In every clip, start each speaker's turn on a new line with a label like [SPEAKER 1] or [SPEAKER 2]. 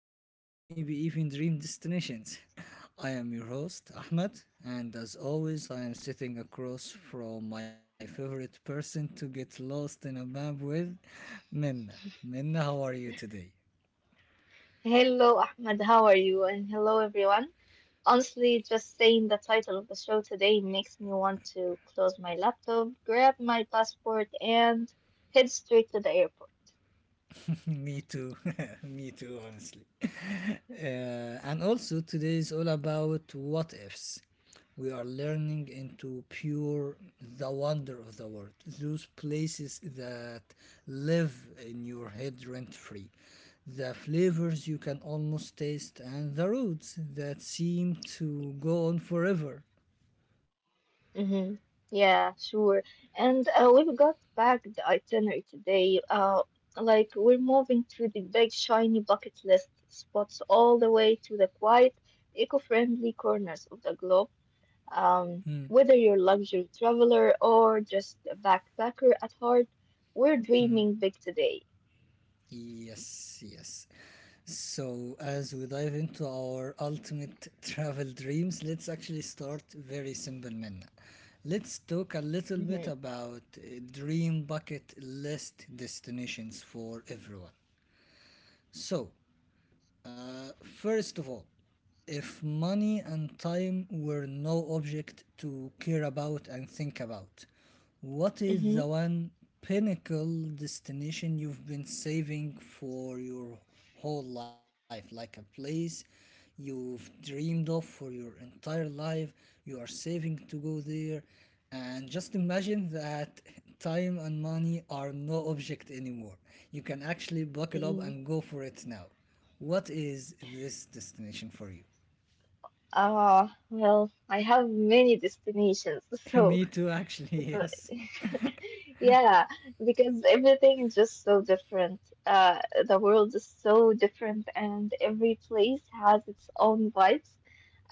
[SPEAKER 1] destinations, maybe even dream destinations. I am your host, Ahmed, and as always, I am sitting across from my favorite person to get lost in a map with, Minna. Minna, how are you today?
[SPEAKER 2] Hello, Ahmed. How are you? And hello, everyone. Honestly, just saying the title of the show today makes me want to close my laptop, grab my passport, and head straight to the airport.
[SPEAKER 1] Me too. Me too, honestly. And also, today is all about what ifs. We are learning into pure the wonder of the world, those places that live in your head rent free, the flavors you can almost taste, and the roads that seem to go on forever.
[SPEAKER 2] Mm-hmm. Yeah, sure. And we've got back the itinerary today. Like we're moving to the big shiny bucket list spots all the way to the quiet, eco-friendly corners of the globe. Um,
[SPEAKER 1] Hmm.
[SPEAKER 2] whether you're a luxury traveler or just a backpacker at heart, we're dreaming big today.
[SPEAKER 1] Yes, yes. So, as we dive into our ultimate travel dreams, let's actually start very simple, Minna. Let's talk a little bit
[SPEAKER 2] Mm-hmm,
[SPEAKER 1] about dream bucket list destinations for everyone. So, first of all, if money and time were no object to care about and think about, what is
[SPEAKER 2] mm-hmm,
[SPEAKER 1] the one pinnacle destination you've been saving for your whole life? Like a place you've dreamed of for your entire life, you are saving to go there, and just imagine that time and money are no object anymore. You can actually buckle up
[SPEAKER 2] mm-hmm.
[SPEAKER 1] and go for it now. What is this destination for you?
[SPEAKER 2] Well, I have many destinations, so
[SPEAKER 1] Me too, actually, yes.
[SPEAKER 2] yeah, because everything is just so different. The world is so different, and every place has its own vibes.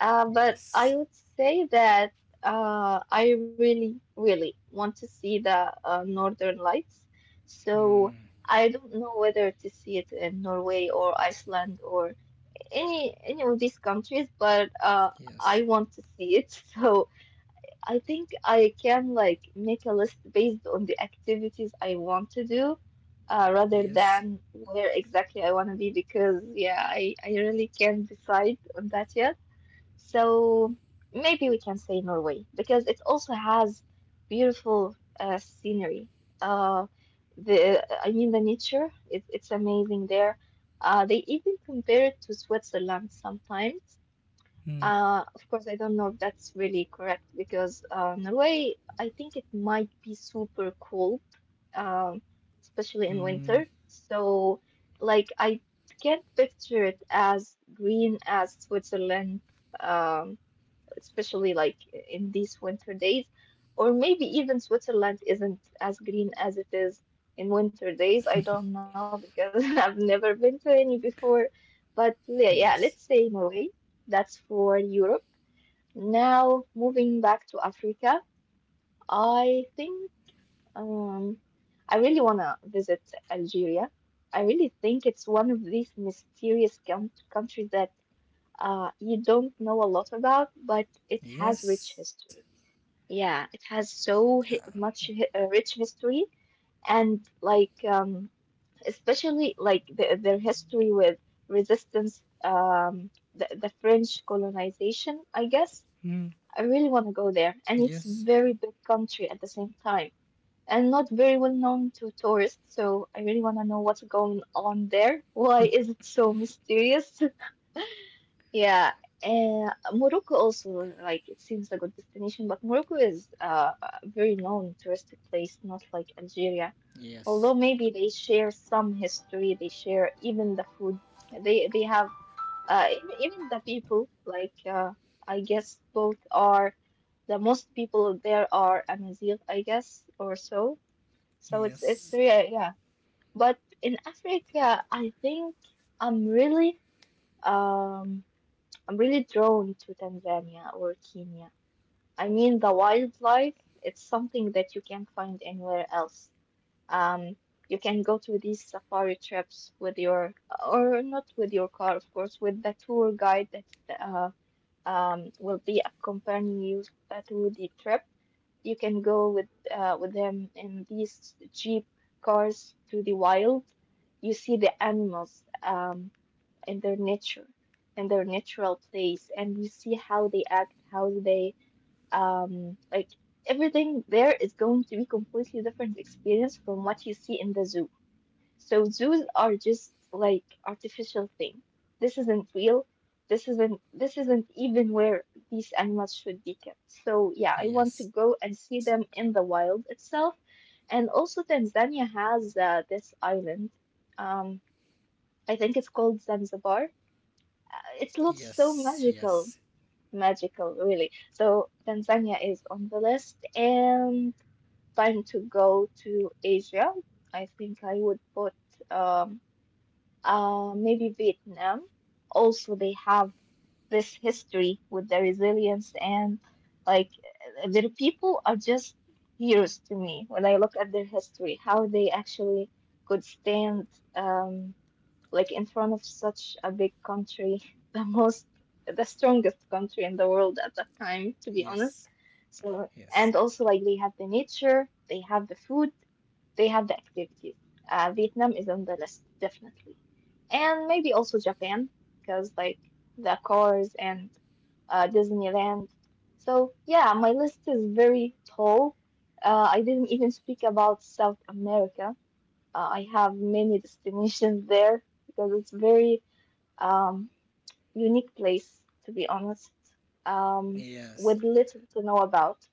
[SPEAKER 2] But I
[SPEAKER 1] Yes.
[SPEAKER 2] would say that I really, really want to see the Northern Lights. So
[SPEAKER 1] Hmm.
[SPEAKER 2] I don't know whether to see it in Norway or Iceland or any of these countries, but I
[SPEAKER 1] Yes.
[SPEAKER 2] want to see it. So I think I can like make a list based on the activities I want to do, rather
[SPEAKER 1] Yes.
[SPEAKER 2] than where exactly I want to be because yeah, I really can't decide on that yet. So maybe we can say Norway because it also has beautiful scenery. Uh, the I mean the nature, it's amazing there. They even compare it to Switzerland sometimes.
[SPEAKER 1] Hmm.
[SPEAKER 2] Of course, I don't know if that's really correct because Norway, I think it might be super cold, um, especially in winter.
[SPEAKER 1] Hmm.
[SPEAKER 2] So, like, I can't picture it as green as Switzerland. Um, especially like in these winter days. Or maybe even Switzerland isn't as green as it is in winter days. I don't know because I've never been to any before. But yeah,
[SPEAKER 1] Yes.
[SPEAKER 2] let's say Norway. That's for Europe. Now, moving back to Africa, I think um, I really want to visit Algeria. I really think it's one of these mysterious countries that you don't know a lot about, but it has rich
[SPEAKER 1] Yes.
[SPEAKER 2] history. Yeah, it has so hi much hi rich history and like especially like their history with resistance, the French colonization, I guess.
[SPEAKER 1] Hmm.
[SPEAKER 2] I really want to go there,
[SPEAKER 1] Yes.
[SPEAKER 2] and it's very big country at the same time, and not very well known to tourists. So I really want to know what's going on there. Why is it so mysterious? Yeah, Morocco also like it seems like a good destination, but Morocco is a very known touristic place, not like Algeria.
[SPEAKER 1] Yes.
[SPEAKER 2] Although maybe they share some history, they share even the food. They have even the people. Like I guess both are the most people there are Amazigh, I guess, or so.
[SPEAKER 1] Yes.
[SPEAKER 2] So it's really yeah. But in Africa, I think I'm really um. I'm really drawn to Tanzania or Kenya. I mean, the wildlife, it's something that you can't find anywhere else. Um, you can go to these safari trips with your, or not with your car, of course, with the tour guide that will be accompanying you through the trip. You can go with them in these jeep cars to the wild. You see the animals. In their nature in their natural place, and you see how they act, how they um like everything there is going to be completely different experience from what you see in the zoo. So zoos are just like artificial thing. This isn't real. This isn't even where these animals should be kept. So yeah, I want to
[SPEAKER 1] Yes.
[SPEAKER 2] go and see them in the wild itself. And also Tanzania has this island, um, I think it's called Zanzibar. It looks
[SPEAKER 1] Yes.
[SPEAKER 2] so
[SPEAKER 1] Yes.
[SPEAKER 2] magical, magical, really. So Tanzania is on the list, and time to go to Asia. I think I would put um, maybe Vietnam. Also, they have this history with their resilience, and like their people are just heroes to me when I look at their history, how they actually could stand. Um, like in front of such a big country, the most, the strongest country in the world at that time, to be
[SPEAKER 1] Yes.
[SPEAKER 2] honest. So,
[SPEAKER 1] Yes.
[SPEAKER 2] and also like they have the nature, they have the food, they have the activities. Vietnam is on the list, definitely. And maybe also Japan, because like the cars and Disneyland. So, yeah, my list is very tall. I didn't even speak about South America. I have many destinations there because it's very um, unique place to be honest, um,
[SPEAKER 1] Yes.
[SPEAKER 2] with little to know about.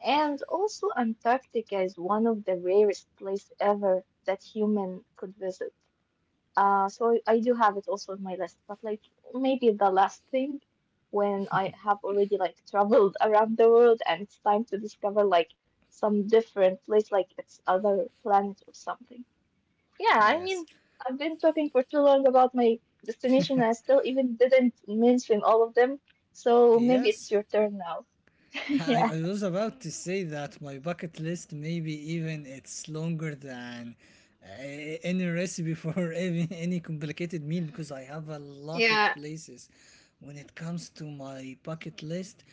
[SPEAKER 2] And also Antarctica is one of the rarest place ever that human could visit. So I do have it also on my list, but like maybe the last thing when I have already like traveled around the world and it's time to discover like some different place, like it's other planet or something. Yeah, I
[SPEAKER 1] Yes.
[SPEAKER 2] mean, I've been talking for too long about my destination. I still even didn't mention all of them. So maybe it's
[SPEAKER 1] Yes.
[SPEAKER 2] your turn now.
[SPEAKER 1] I,
[SPEAKER 2] Yeah.
[SPEAKER 1] I was about to say that my bucket list maybe even it's longer than any recipe for even any complicated meal, because I have a lot of
[SPEAKER 2] Yeah.
[SPEAKER 1] places when it comes to my bucket list.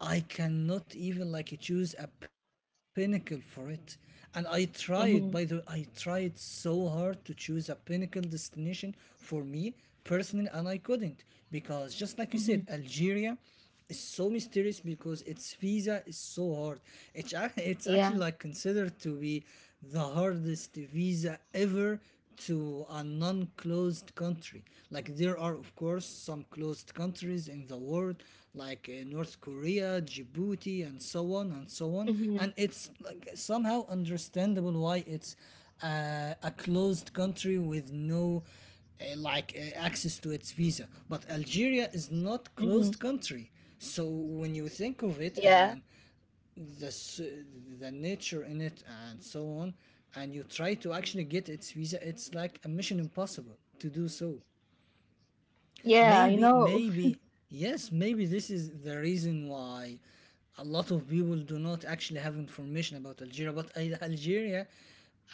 [SPEAKER 1] I cannot even like choose a pinnacle for it, and I tried, by the way. I
[SPEAKER 2] Mm-hmm.
[SPEAKER 1] tried so hard to choose a pinnacle destination for me personally, and I couldn't, because just like you said,
[SPEAKER 2] Mm-hmm.
[SPEAKER 1] Algeria is so mysterious because its visa is so hard. It's actually
[SPEAKER 2] Yeah.
[SPEAKER 1] like considered to be the hardest visa ever to a non-closed country. Like there are of course some closed countries in the world, like North Korea, Djibouti, and so on and so on.
[SPEAKER 2] Mm-hmm.
[SPEAKER 1] And it's like somehow understandable why it's a closed country with no like access to its visa. But Algeria is
[SPEAKER 2] Mm-hmm.
[SPEAKER 1] not closed country, so when you think of it,
[SPEAKER 2] Yeah.
[SPEAKER 1] and the s- the nature in it, and so on, and you try to actually get its visa, it's like a mission impossible to do so.
[SPEAKER 2] Yeah,
[SPEAKER 1] maybe maybe yes, maybe this is the reason why a lot of people do not actually have information about Algeria. But Algeria,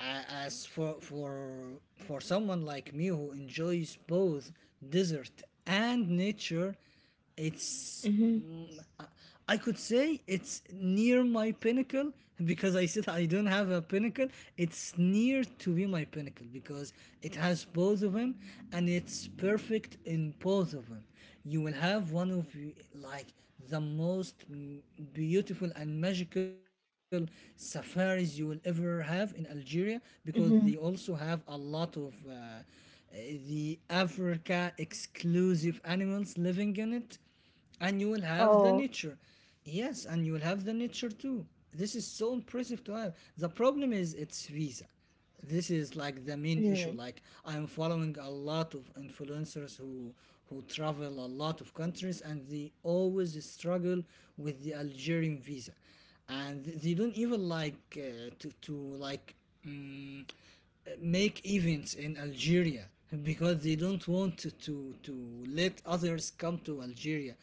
[SPEAKER 1] as for someone like me who enjoys both desert and nature, it's
[SPEAKER 2] Mm-hmm.
[SPEAKER 1] I could say it's near my pinnacle, because I said I don't have a pinnacle. It's near to be my pinnacle because it has both of them, and it's perfect in both of them. You will have one of like the most beautiful and magical safaris you will ever have in Algeria, because they
[SPEAKER 2] Mm-hmm.
[SPEAKER 1] also have a lot of uh, the Africa exclusive animals living in it, and you will have the
[SPEAKER 2] Oh.
[SPEAKER 1] nature. Yes, and you will have the nature too. This is so impressive to have. The problem is its visa. This is like the main issue.
[SPEAKER 2] Mm.
[SPEAKER 1] Like I'm following a lot of influencers who travel a lot of countries, and they always struggle with the Algerian visa, and they don't even like to like mm, make events in Algeria because they don't want to let others come to Algeria.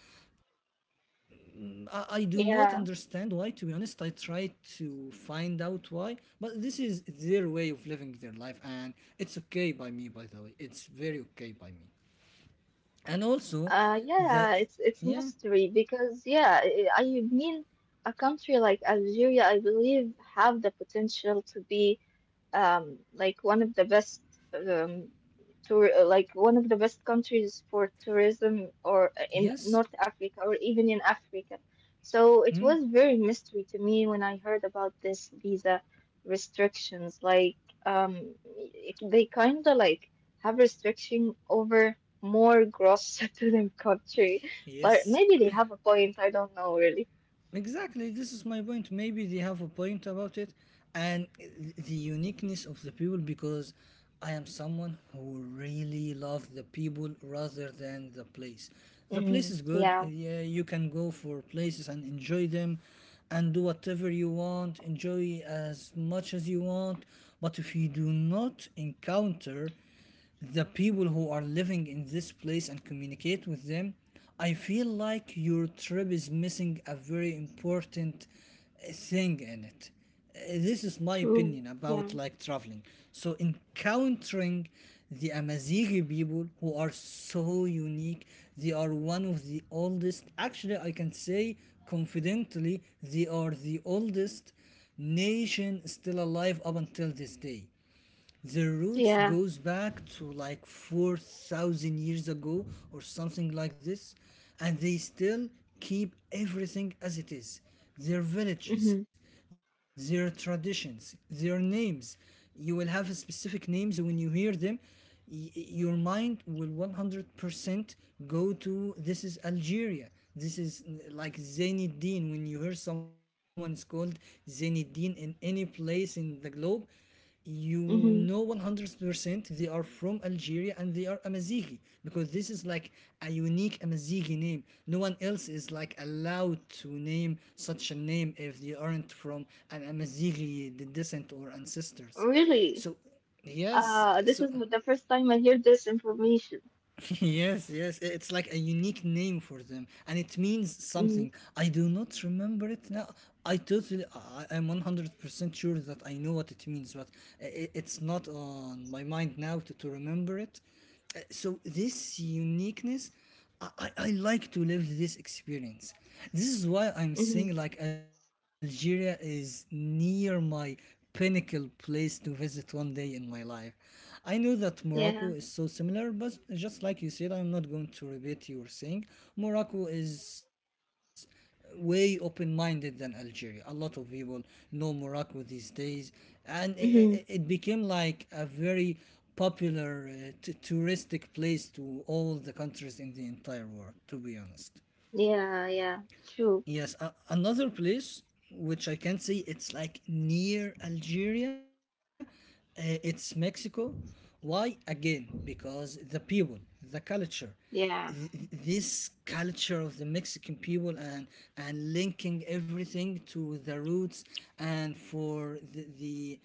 [SPEAKER 1] I do not understand
[SPEAKER 2] Yeah.
[SPEAKER 1] why. To be honest, I try to find out why, but this is their way of living their life, and it's okay by me. By the way, it's very okay by me. And also, the
[SPEAKER 2] Yeah, it's
[SPEAKER 1] yeah,
[SPEAKER 2] mystery because yeah, I mean a country like Algeria I believe have the potential to be like one of the best um, tour like one of the best countries for tourism or in
[SPEAKER 1] yes.
[SPEAKER 2] North Africa or even in Africa. So it
[SPEAKER 1] Hmm.
[SPEAKER 2] was very mystery to me when I heard about this visa restrictions. Like they kind of like have restriction over more gross to their country, but
[SPEAKER 1] Yes.
[SPEAKER 2] maybe they have a point. I don't know really.
[SPEAKER 1] Exactly, this is my point. Maybe they have a point about it, and the uniqueness of the people, because I am someone who really loves the people rather than the place. The place
[SPEAKER 2] Mm,
[SPEAKER 1] is good,
[SPEAKER 2] yeah.
[SPEAKER 1] yeah, you can go for places and enjoy them and do whatever you want, enjoy as much as you want. But if you do not encounter the people who are living in this place and communicate with them, I feel like your trip is missing a very important thing in it. This is my
[SPEAKER 2] True.
[SPEAKER 1] opinion about
[SPEAKER 2] Yeah.
[SPEAKER 1] like traveling. So encountering the Amazigh people who are so unique, they are one of the oldest. Actually, I can say confidently, they are the oldest nation still alive up until this day. The roots
[SPEAKER 2] Yeah.
[SPEAKER 1] goes back to like 4,000 years ago or something like this, and they still keep everything as it is. Their villages,
[SPEAKER 2] Mm-hmm.
[SPEAKER 1] their traditions, their names. You will have specific names when you hear them. Your mind will 100% go to this is Algeria. This is like Zainuddin. When you hear someone is called Zainuddin in any place in the globe, you know
[SPEAKER 2] Mm-hmm.
[SPEAKER 1] 100% they are from Algeria and they are Amazighi, because this is like a unique Amazighi name. No one else is like allowed to name such a name if they aren't from an Amazighi descent or ancestors.
[SPEAKER 2] Really.
[SPEAKER 1] So yes,
[SPEAKER 2] This
[SPEAKER 1] so
[SPEAKER 2] is the first time I hear this information.
[SPEAKER 1] yes, yes. It's like a unique name for them, and it means
[SPEAKER 2] Mm-hmm.
[SPEAKER 1] something. I do not remember it now. I totally, I'm 100% sure that I know what it means, but it's not on my mind now to remember it. So this uniqueness, I like to live this experience. This is why I'm
[SPEAKER 2] Mm-hmm.
[SPEAKER 1] saying like Algeria is near my pinnacle place to visit one day in my life. I know that
[SPEAKER 2] Yeah.
[SPEAKER 1] Morocco is so similar, but just like you said, I'm not going to repeat your saying. Morocco is way open-minded than Algeria. A lot of people know Morocco these days, and
[SPEAKER 2] Mm-hmm.
[SPEAKER 1] it became like a very popular touristic place to all the countries in the entire world. To be honest.
[SPEAKER 2] Yeah, yeah. True.
[SPEAKER 1] Yes, another place which I can say it's like near Algeria, it's Mexico. Why again? Because the people, the culture,
[SPEAKER 2] Yeah.
[SPEAKER 1] this culture of the Mexican people, and linking everything to the roots, and for the, the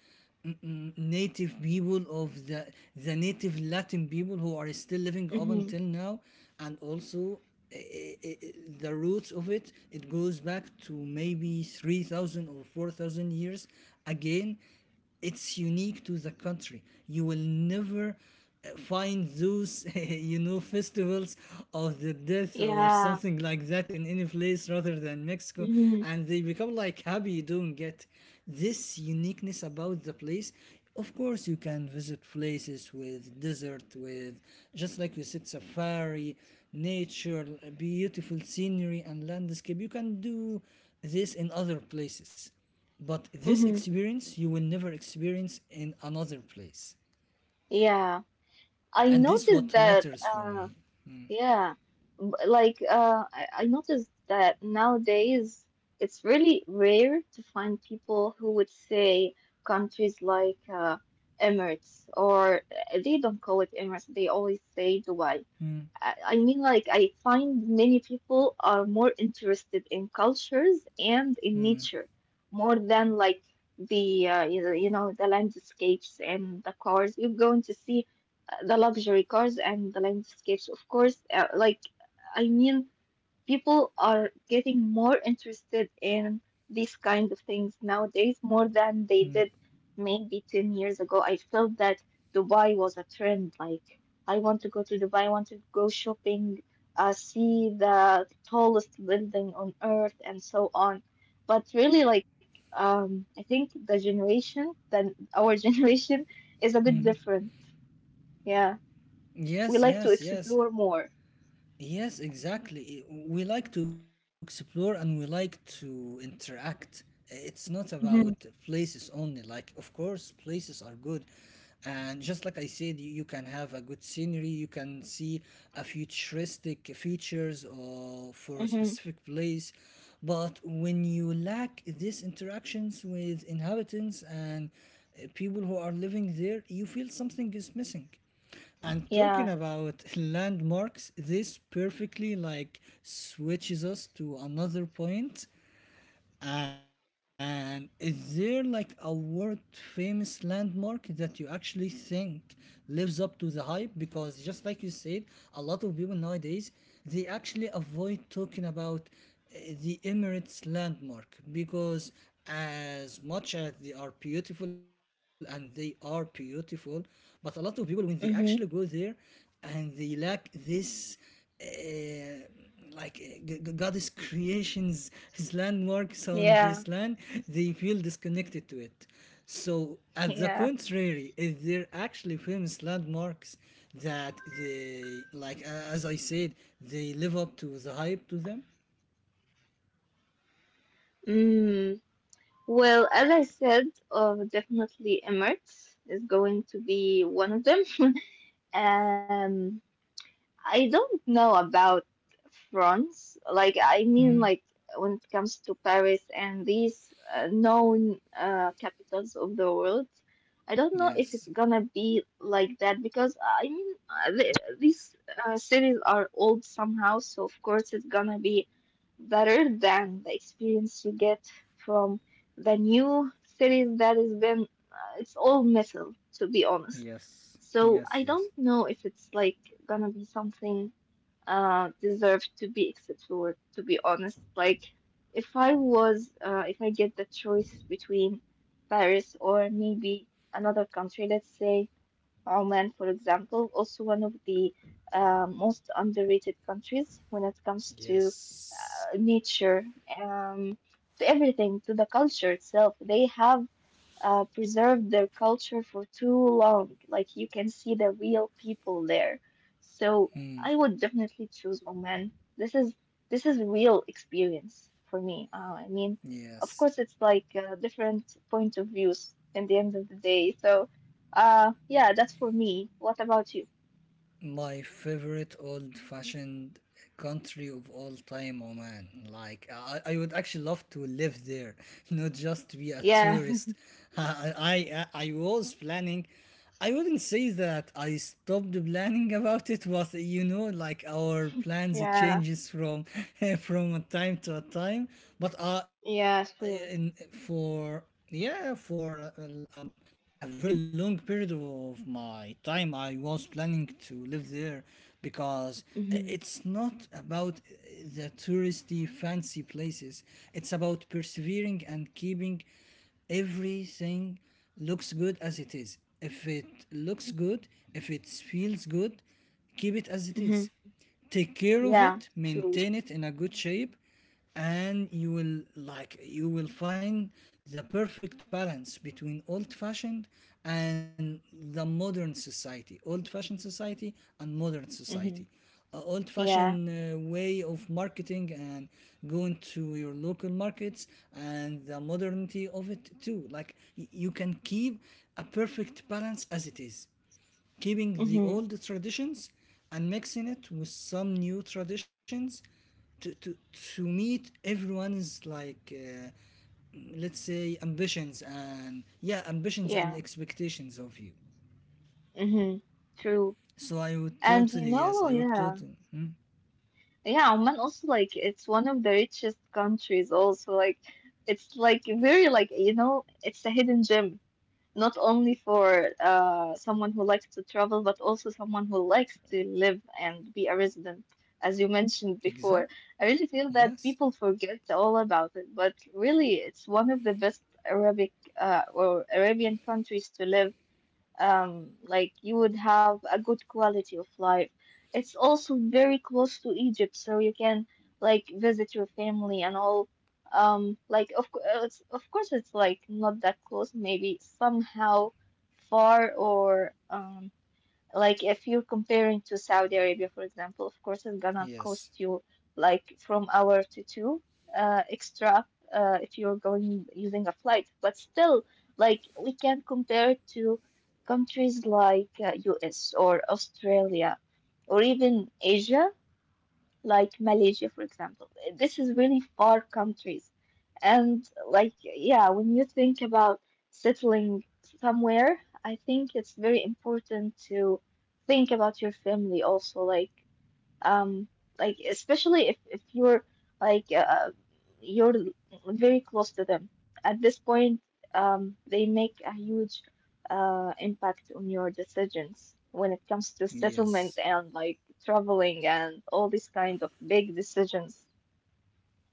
[SPEAKER 1] mm, native people of the native Latin people who are still living up
[SPEAKER 2] Mm-hmm.
[SPEAKER 1] until now. And also eh, eh, eh, eh, the roots of it. It goes back to maybe 3,000 or 4,000 years. Again, it's unique to the country. You will never find those festivals of the death or
[SPEAKER 2] Yeah.
[SPEAKER 1] something like that in any place rather than Mexico.
[SPEAKER 2] Mm-hmm.
[SPEAKER 1] And they become like happy. You don't get this uniqueness about the place. Of course you can visit places with desert, with just like you said safari, nature, beautiful scenery and landscape. You can do this in other places, but this
[SPEAKER 2] Mm-hmm.
[SPEAKER 1] experience you will never experience in another place.
[SPEAKER 2] Yeah. I
[SPEAKER 1] And this
[SPEAKER 2] noticed
[SPEAKER 1] what
[SPEAKER 2] that,
[SPEAKER 1] matters for me.
[SPEAKER 2] yeah. Like, I noticed that nowadays it's really rare to find people who would say countries like, Emirates, or they don't call it Emirates, they always say Dubai.
[SPEAKER 1] Mm,
[SPEAKER 2] I mean, like, I find many people are more interested in cultures and in
[SPEAKER 1] mm,
[SPEAKER 2] nature more than like the the landscapes and the cars. You're going to see the luxury cars and the landscapes, of course. Like, I mean people are getting more interested in these kind of things nowadays more than they
[SPEAKER 1] mm.
[SPEAKER 2] did maybe 10 years ago. I felt that Dubai was a trend. Like, I want to go to Dubai, I want to go shopping, see the tallest building on earth, and so on. But really, like, I think the generation, then our generation, is a bit
[SPEAKER 1] Mhm.
[SPEAKER 2] different. Yeah, we
[SPEAKER 1] Yes,
[SPEAKER 2] like to
[SPEAKER 1] yes, yes.
[SPEAKER 2] explore more.
[SPEAKER 1] Yes, exactly. We like to explore and we like to interact. It's not about
[SPEAKER 2] Mhm.
[SPEAKER 1] places only. Like, of course, places are good. And just like I said, you can have a good scenery, you can see a futuristic features or for a
[SPEAKER 2] Mm-hmm.
[SPEAKER 1] specific place. But when you lack these interactions with inhabitants and people who are living there, you feel something is missing. And talking
[SPEAKER 2] Yeah.
[SPEAKER 1] about landmarks, this perfectly like switches us to another point, and is there like a world famous landmark that you actually think lives up to the hype? Because just like you said, a lot of people nowadays, they actually avoid talking about the Emirates landmark, because as much as they are beautiful, and they are beautiful, but a lot of people when they actually go
[SPEAKER 2] Mm.
[SPEAKER 1] there, and they lack this uh, like god creations, his landmarks on
[SPEAKER 2] Yeah.
[SPEAKER 1] this land, they feel disconnected to it. So at the
[SPEAKER 2] Yeah.
[SPEAKER 1] contrary, if they're actually famous landmarks that they like, as I said, they live up to the hype to them.
[SPEAKER 2] Mm. Well, as I said, definitely Emirates is going to be one of them. Um, I don't know about France. Like, I mean,
[SPEAKER 1] Mm.
[SPEAKER 2] like, when it comes to Paris and these known capitals of the world, I don't know if
[SPEAKER 1] Yes.
[SPEAKER 2] it's gonna be like that because, I mean, these cities are old somehow, so of course it's gonna be better than the experience you get from the new cities that has been, it's all metal, to be honest.
[SPEAKER 1] Yes.
[SPEAKER 2] So I
[SPEAKER 1] Yes, yes.
[SPEAKER 2] don't know if it's like gonna be something deserved to be explored, to be honest. Like if I was if I get the choice between Paris or maybe another country, let's say Oman, for example, also one of the most underrated countries when it comes to
[SPEAKER 1] Yes.
[SPEAKER 2] nature, um, to everything, to the culture itself. They have preserved their culture for too long. Like you can see the real people there. So
[SPEAKER 1] Mm.
[SPEAKER 2] I would definitely choose Oman. This is real experience for me. I mean, of
[SPEAKER 1] Yes.
[SPEAKER 2] course, it's like different point of views in the end of the day. So, yeah, that's for me. What about you?
[SPEAKER 1] My favorite old fashioned country of all time, Oman. Like, I would actually love to live there, not just to be a
[SPEAKER 2] Yeah,
[SPEAKER 1] tourist. I was planning, I wouldn't say that I stopped planning about it, but you know, like our plans it
[SPEAKER 2] yeah,
[SPEAKER 1] changes from from a time to a time. But
[SPEAKER 2] yeah, sure.
[SPEAKER 1] for, yeah, for a very long period of my time I was planning to live there because
[SPEAKER 2] Hmm.
[SPEAKER 1] it's not about the touristy fancy places. It's about persevering and keeping everything looks good as it is. If it looks good, if it feels good, keep it as it
[SPEAKER 2] Hmm.
[SPEAKER 1] is. Take care of
[SPEAKER 2] Yeah,
[SPEAKER 1] it,
[SPEAKER 2] true.
[SPEAKER 1] maintain it in a good shape, and you will, like, you will find the perfect balance between old fashioned and the modern society, old fashioned society and modern society.
[SPEAKER 2] Hmm.
[SPEAKER 1] Old fashioned
[SPEAKER 2] Yeah.
[SPEAKER 1] way of marketing and going to your local markets, and the modernity of it too. Like you can keep a perfect balance as it is, keeping the
[SPEAKER 2] Hmm.
[SPEAKER 1] old traditions and mixing it with some new traditions to to, to meet everyone's, like, let's say ambitions and yeah ambitions and
[SPEAKER 2] Yeah.
[SPEAKER 1] expectations of you.
[SPEAKER 2] Hmm. True.
[SPEAKER 1] So i would
[SPEAKER 2] And you
[SPEAKER 1] totally
[SPEAKER 2] know,
[SPEAKER 1] yes i would
[SPEAKER 2] yeah,
[SPEAKER 1] totally Hmm?
[SPEAKER 2] yeah, Oman also like it's one of the richest countries also like it's like very like you know, it's a hidden gem not only for someone who likes to travel but also someone who likes to live and be a resident. As you mentioned before,
[SPEAKER 1] Exact.
[SPEAKER 2] I really feel that people
[SPEAKER 1] Yes,
[SPEAKER 2] forget all about it, but really it's one of the best Arabic or Arabian countries to live, like you would have a good quality of life. It's also very close to Egypt, so you can like visit your family and all. Like of course it's like not that close, maybe somehow far or like if you're comparing to Saudi Arabia, for example, of course it's gonna cost
[SPEAKER 1] yes,
[SPEAKER 2] you like from hour to two extra if you're going using a flight. But still, like we can compare it to countries like US or Australia or even Asia like Malaysia, for example. This is really far countries. And like, yeah, when you think about settling somewhere, I think it's very important to think about your family also. Um like, especially if you're like uh, you're very close to them at this point, they make a huge impact on your decisions when it comes to
[SPEAKER 1] yes.
[SPEAKER 2] settlement and like traveling and all these kind of big decisions.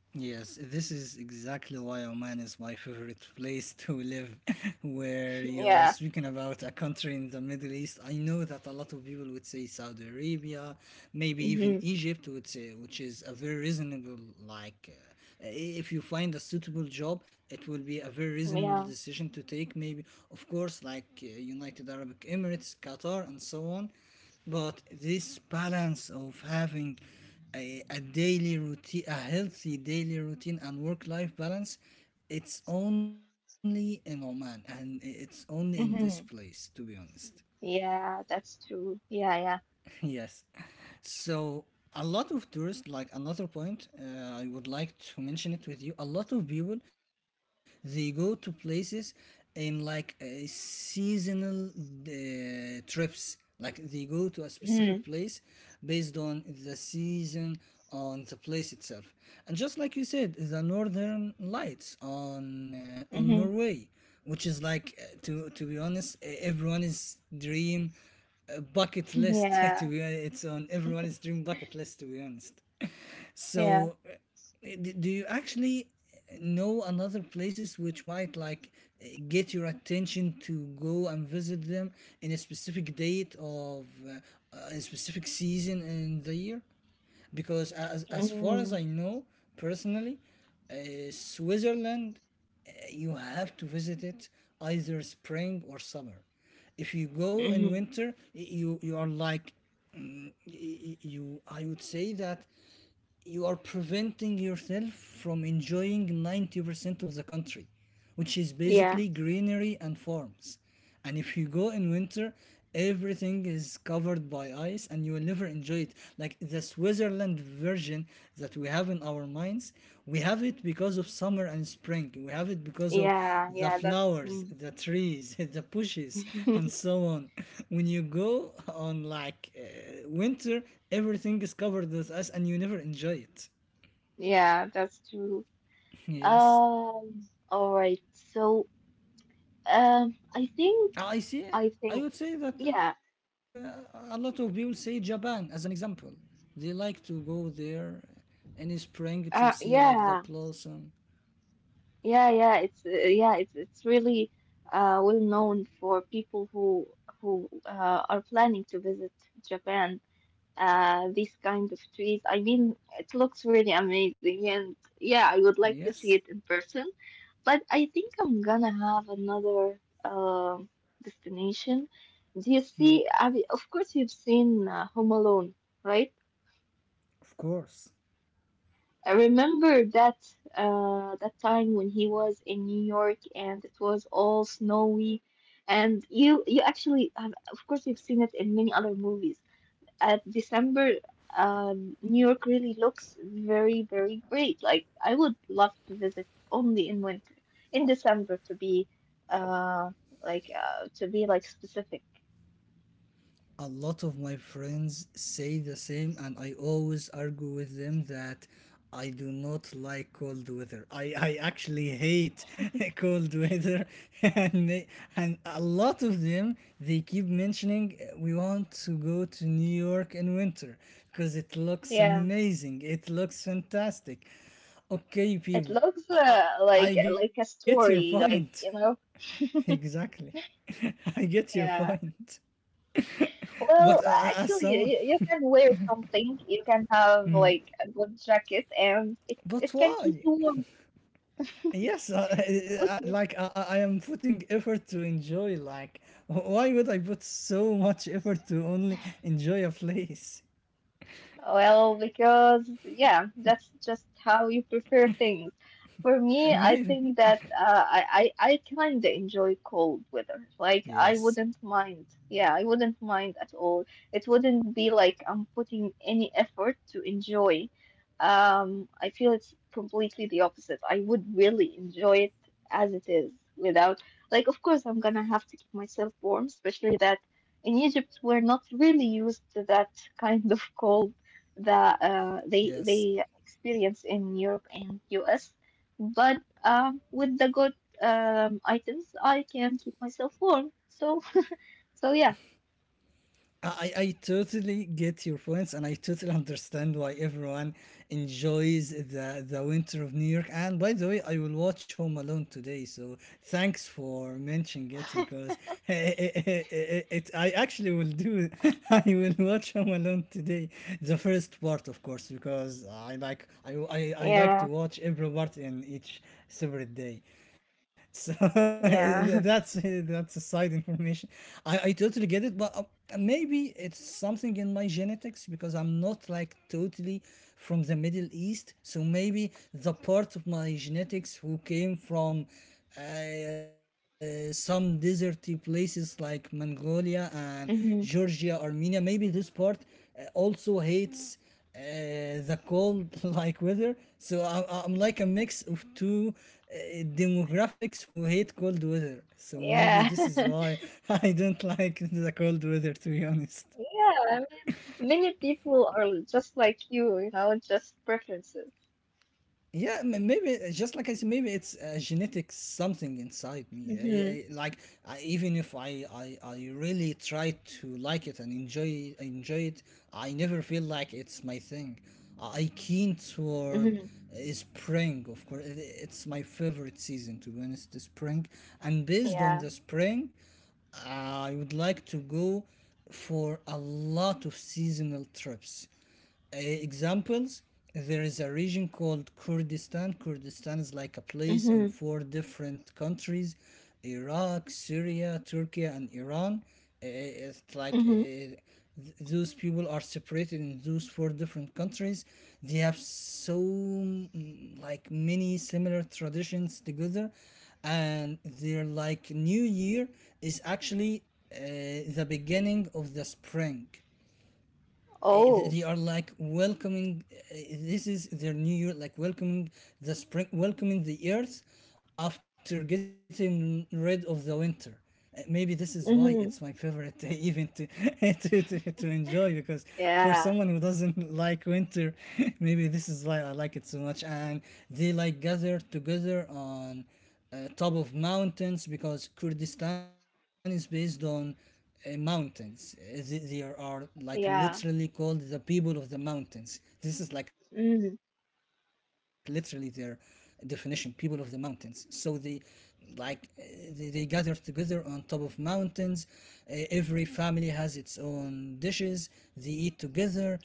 [SPEAKER 1] Yes, this is exactly why Oman is my favorite place to live. Where you are
[SPEAKER 2] Yeah.
[SPEAKER 1] speaking about a country in the Middle East, I know that a lot of people would say Saudi Arabia, maybe even
[SPEAKER 2] Hmm.
[SPEAKER 1] Egypt would say, which is a very reasonable like. If you find a suitable job, it will be a very reasonable
[SPEAKER 2] Yeah.
[SPEAKER 1] decision to take. Maybe, of course, like United Arab Emirates, Qatar, and so on. But this balance of having a daily routine, a healthy daily routine and work life balance, it's only in Oman, and it's only in this place,
[SPEAKER 2] Hmm.
[SPEAKER 1] to be honest.
[SPEAKER 2] Yeah, that's true. Yeah, yeah.
[SPEAKER 1] Yes. So a lot of tourists, like another point, I would like to mention it with you. A lot of people, they go to places in, like, seasonal trips. Like they go to a specific place based on the season, on the place itself, and just like you said, the northern lights on, uh,
[SPEAKER 2] Hmm.
[SPEAKER 1] on
[SPEAKER 2] Hmm.
[SPEAKER 1] Norway, which is like, to be honest, everyone is dream, a bucket list.
[SPEAKER 2] Yeah,
[SPEAKER 1] To be honest, it's on everyone's dream bucket list, to be honest.
[SPEAKER 2] yeah.
[SPEAKER 1] So, do you actually know another places which might, like, get your attention to go and visit them in a specific date of, a specific season in the year? Because as far
[SPEAKER 2] Hmm.
[SPEAKER 1] as I know personally, Switzerland, you have to visit it either spring or summer. If you go in
[SPEAKER 2] Hmm.
[SPEAKER 1] winter, you are like, you. I would say that you are preventing yourself from enjoying 90% of the country, which is
[SPEAKER 2] Yeah,
[SPEAKER 1] basically greenery and farms. And if you go in winter, everything is covered by ice, and you will never enjoy it. Like the Switzerland version, that we have in our minds, we have it because of summer and spring. We have it because of
[SPEAKER 2] yeah,
[SPEAKER 1] the
[SPEAKER 2] yeah, that's
[SPEAKER 1] flowers,
[SPEAKER 2] mm.
[SPEAKER 1] the trees, the bushes, and so on. When you go on like winter, everything is covered with us, and you never enjoy it.
[SPEAKER 2] Yeah, that's true.
[SPEAKER 1] Yes.
[SPEAKER 2] All right. So, um, I think,
[SPEAKER 1] I see.
[SPEAKER 2] I
[SPEAKER 1] I
[SPEAKER 2] think,
[SPEAKER 1] would say that
[SPEAKER 2] yeah,
[SPEAKER 1] a lot of people say Japan as an example. They like to go there in spring to see, like, the
[SPEAKER 2] yeah,
[SPEAKER 1] blossom.
[SPEAKER 2] yeah, yeah. It's really, well known for people who are planning to visit Japan. These kind of trees. I mean, it looks really amazing, and yeah, I would
[SPEAKER 1] Yes,
[SPEAKER 2] like to see it in person. But I think I'm gonna have another destination. Do you see? I mean, of course, you've seen Home Alone, right?
[SPEAKER 1] of course.
[SPEAKER 2] I remember that time when he was in New York and it was all snowy, and you actually, have, of course, you've seen it in many other movies. At December, New York really looks very, very great. Like, I would love to visit only in winter, in December uh, to be like specific.
[SPEAKER 1] A lot of my friends say the same, and I always argue with them that I do not like cold weather. I actually hate cold weather. and they, and a lot of them, they keep mentioning we want to go to New York in winter because it looks
[SPEAKER 2] Yeah,
[SPEAKER 1] amazing, it looks fantastic. Okay,
[SPEAKER 2] it
[SPEAKER 1] people.
[SPEAKER 2] looks
[SPEAKER 1] i, I, I
[SPEAKER 2] like
[SPEAKER 1] get
[SPEAKER 2] like
[SPEAKER 1] your
[SPEAKER 2] a
[SPEAKER 1] point.
[SPEAKER 2] story, like,
[SPEAKER 1] Exactly. I get your point.
[SPEAKER 2] yeah.
[SPEAKER 1] But
[SPEAKER 2] Well,
[SPEAKER 1] as someone.
[SPEAKER 2] actually, you can wear something. You can have like a good jacket, and it,
[SPEAKER 1] But
[SPEAKER 2] it can keep
[SPEAKER 1] why?
[SPEAKER 2] you warm.
[SPEAKER 1] Yes,
[SPEAKER 2] Okay.
[SPEAKER 1] like I, like, I am putting effort to enjoy. Like, why would I put so much effort to only enjoy a place?
[SPEAKER 2] Well, because yeah, that's just how you prepare things. For me, I
[SPEAKER 1] Maybe.
[SPEAKER 2] think that I kind of enjoy cold weather. Like I
[SPEAKER 1] Yes,
[SPEAKER 2] wouldn't mind. Yeah, I wouldn't mind at all. It wouldn't be like I'm putting any effort to enjoy. I feel it's completely the opposite. I would really enjoy it as it is without like of course I'm gonna have to keep myself warm, especially that in Egypt we're not really used to that kind of cold that
[SPEAKER 1] yes.
[SPEAKER 2] they experience in Europe and US. But with the good items, I can keep myself warm. So yeah.
[SPEAKER 1] I totally get your points, and I totally understand why everyone enjoys the winter of New York. And by the way, I will watch Home Alone today, so thanks for mentioning it because I actually will do. I will watch Home Alone today, the first part, of course, because I like to
[SPEAKER 2] Yeah,
[SPEAKER 1] watch every part in each separate day. So that's
[SPEAKER 2] yeah.
[SPEAKER 1] that's a side information. I totally get it, but maybe it's something in my genetics because I'm not, like, totally from the Middle East. So maybe the part of my genetics who came from some deserty places like Mongolia and
[SPEAKER 2] Hmm.
[SPEAKER 1] Georgia, Armenia. Maybe this part also hates the cold like weather. So I'm like a mix of two uh, demographics who hate cold weather. So maybe
[SPEAKER 2] Yeah.
[SPEAKER 1] this is why I don't like the cold weather, to be honest.
[SPEAKER 2] Yeah, I mean, many people are just like you, just preferences.
[SPEAKER 1] Yeah, maybe just like I said, maybe it's a genetic something inside me. I,
[SPEAKER 2] Hmm.
[SPEAKER 1] I, like I, even if I really try to like it and enjoy it, I never feel like it's my thing. I keen toward
[SPEAKER 2] Mm-hmm.
[SPEAKER 1] spring, of course. It's my favorite season, to be honest, the spring. And based on
[SPEAKER 2] Yeah.
[SPEAKER 1] the spring, I would like to go for a lot of seasonal trips. Examples: there is a region called Kurdistan. Kurdistan is like a place
[SPEAKER 2] Mm-hmm.
[SPEAKER 1] in four different countries: Iraq, Syria, Turkey, and Iran. It's like,
[SPEAKER 2] Mm-hmm.
[SPEAKER 1] those people are separated in those four different countries. They have so, mm, like, many similar traditions together. And their, like, new year is actually the beginning of the spring.
[SPEAKER 2] Oh.
[SPEAKER 1] They are like welcoming. This is their new year, like welcoming the spring, welcoming the earth after getting rid of the winter. Maybe this is why it's my
[SPEAKER 2] Mm-hmm.
[SPEAKER 1] favorite event to enjoy, because for
[SPEAKER 2] Yeah.
[SPEAKER 1] someone who doesn't like winter, maybe this is why I like it so much. And they, like, gather together on, top of mountains, because Kurdistan is based on mountains. There are, like, literally
[SPEAKER 2] Yeah.
[SPEAKER 1] called the people of the mountains. This is, like, literally
[SPEAKER 2] Mm-hmm.
[SPEAKER 1] their definition, people of the mountains. So they, like, they gather together on top of mountains. Every family has its own dishes. They eat together. uh,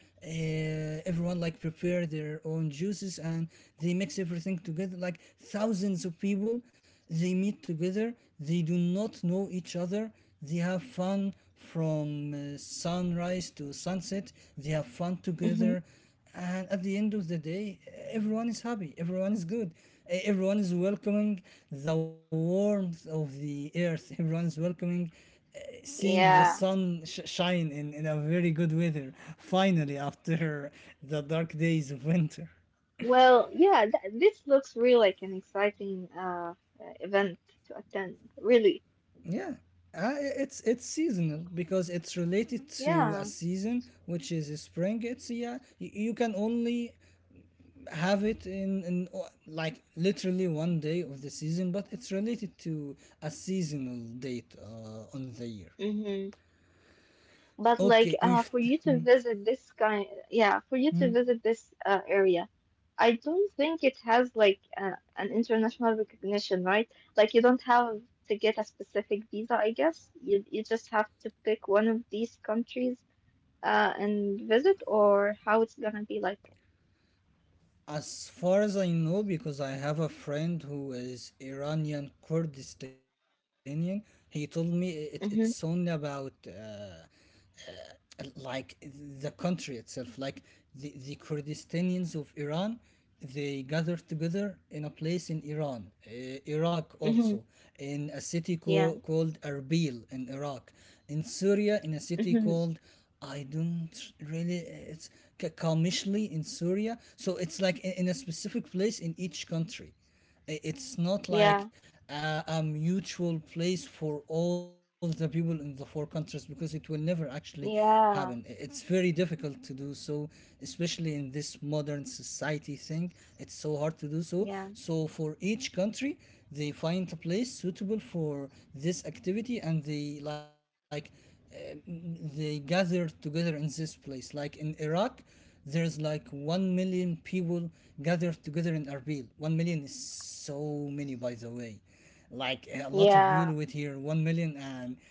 [SPEAKER 1] Everyone, like, prepare their own juices, and they mix everything together. Like thousands of people, they meet together, they do not know each other, they have fun from sunrise to sunset, they have fun
[SPEAKER 2] Mm-hmm.
[SPEAKER 1] together. And at the end of the day, everyone is happy, everyone is good. Everyone is welcoming the warmth of the earth. Everyone is welcoming, seeing the
[SPEAKER 2] Yeah.
[SPEAKER 1] sun shine in a very good weather, finally, after the dark days of winter.
[SPEAKER 2] Well, yeah, th this looks real like an exciting event to attend, really.
[SPEAKER 1] Yeah, it's seasonal because it's related to
[SPEAKER 2] Yeah.
[SPEAKER 1] a season, which is spring. It's, yeah, you can only have it in, like literally one day of the season, but it's related to a seasonal date on the year.
[SPEAKER 2] Hmm. But like
[SPEAKER 1] Okay, we've.
[SPEAKER 2] for you to
[SPEAKER 1] Hmm,
[SPEAKER 2] visit this kind, yeah, for you to
[SPEAKER 1] hmm.
[SPEAKER 2] visit this area, I don't think it has like an international recognition, right? Like you don't have to get a specific visa, I guess. You just have to pick one of these countries and visit or how it's gonna be like.
[SPEAKER 1] As far as I know, because I have a friend who is Iranian Kurdistanian, he told me it's only
[SPEAKER 2] Mm-hmm.
[SPEAKER 1] about like the country itself, like the Kurdistanians of Iran. They gathered together in a place in Iran, Iraq
[SPEAKER 2] Mm-hmm.
[SPEAKER 1] also, in a city
[SPEAKER 2] Yeah.
[SPEAKER 1] called Erbil in Iraq, in Syria, in a city called, I don't really. It's Kamishli in Syria. So it's like in a specific place in each country. It's not like
[SPEAKER 2] Mm-hmm.
[SPEAKER 1] a mutual place for all the people in the four countries, because it will never actually happen.
[SPEAKER 2] Yeah,
[SPEAKER 1] It's very difficult to do so, especially in this modern society thing. It's so hard to do so.
[SPEAKER 2] yeah,
[SPEAKER 1] So, for each country, they find a place suitable for this activity, and they, like, uh, they gather together in this place. Like in Iraq, there's like 1 million people gathered together in Erbil. 1 million is so many, by the way. Like, a lot of
[SPEAKER 2] yeah,
[SPEAKER 1] people with here, 1 million, and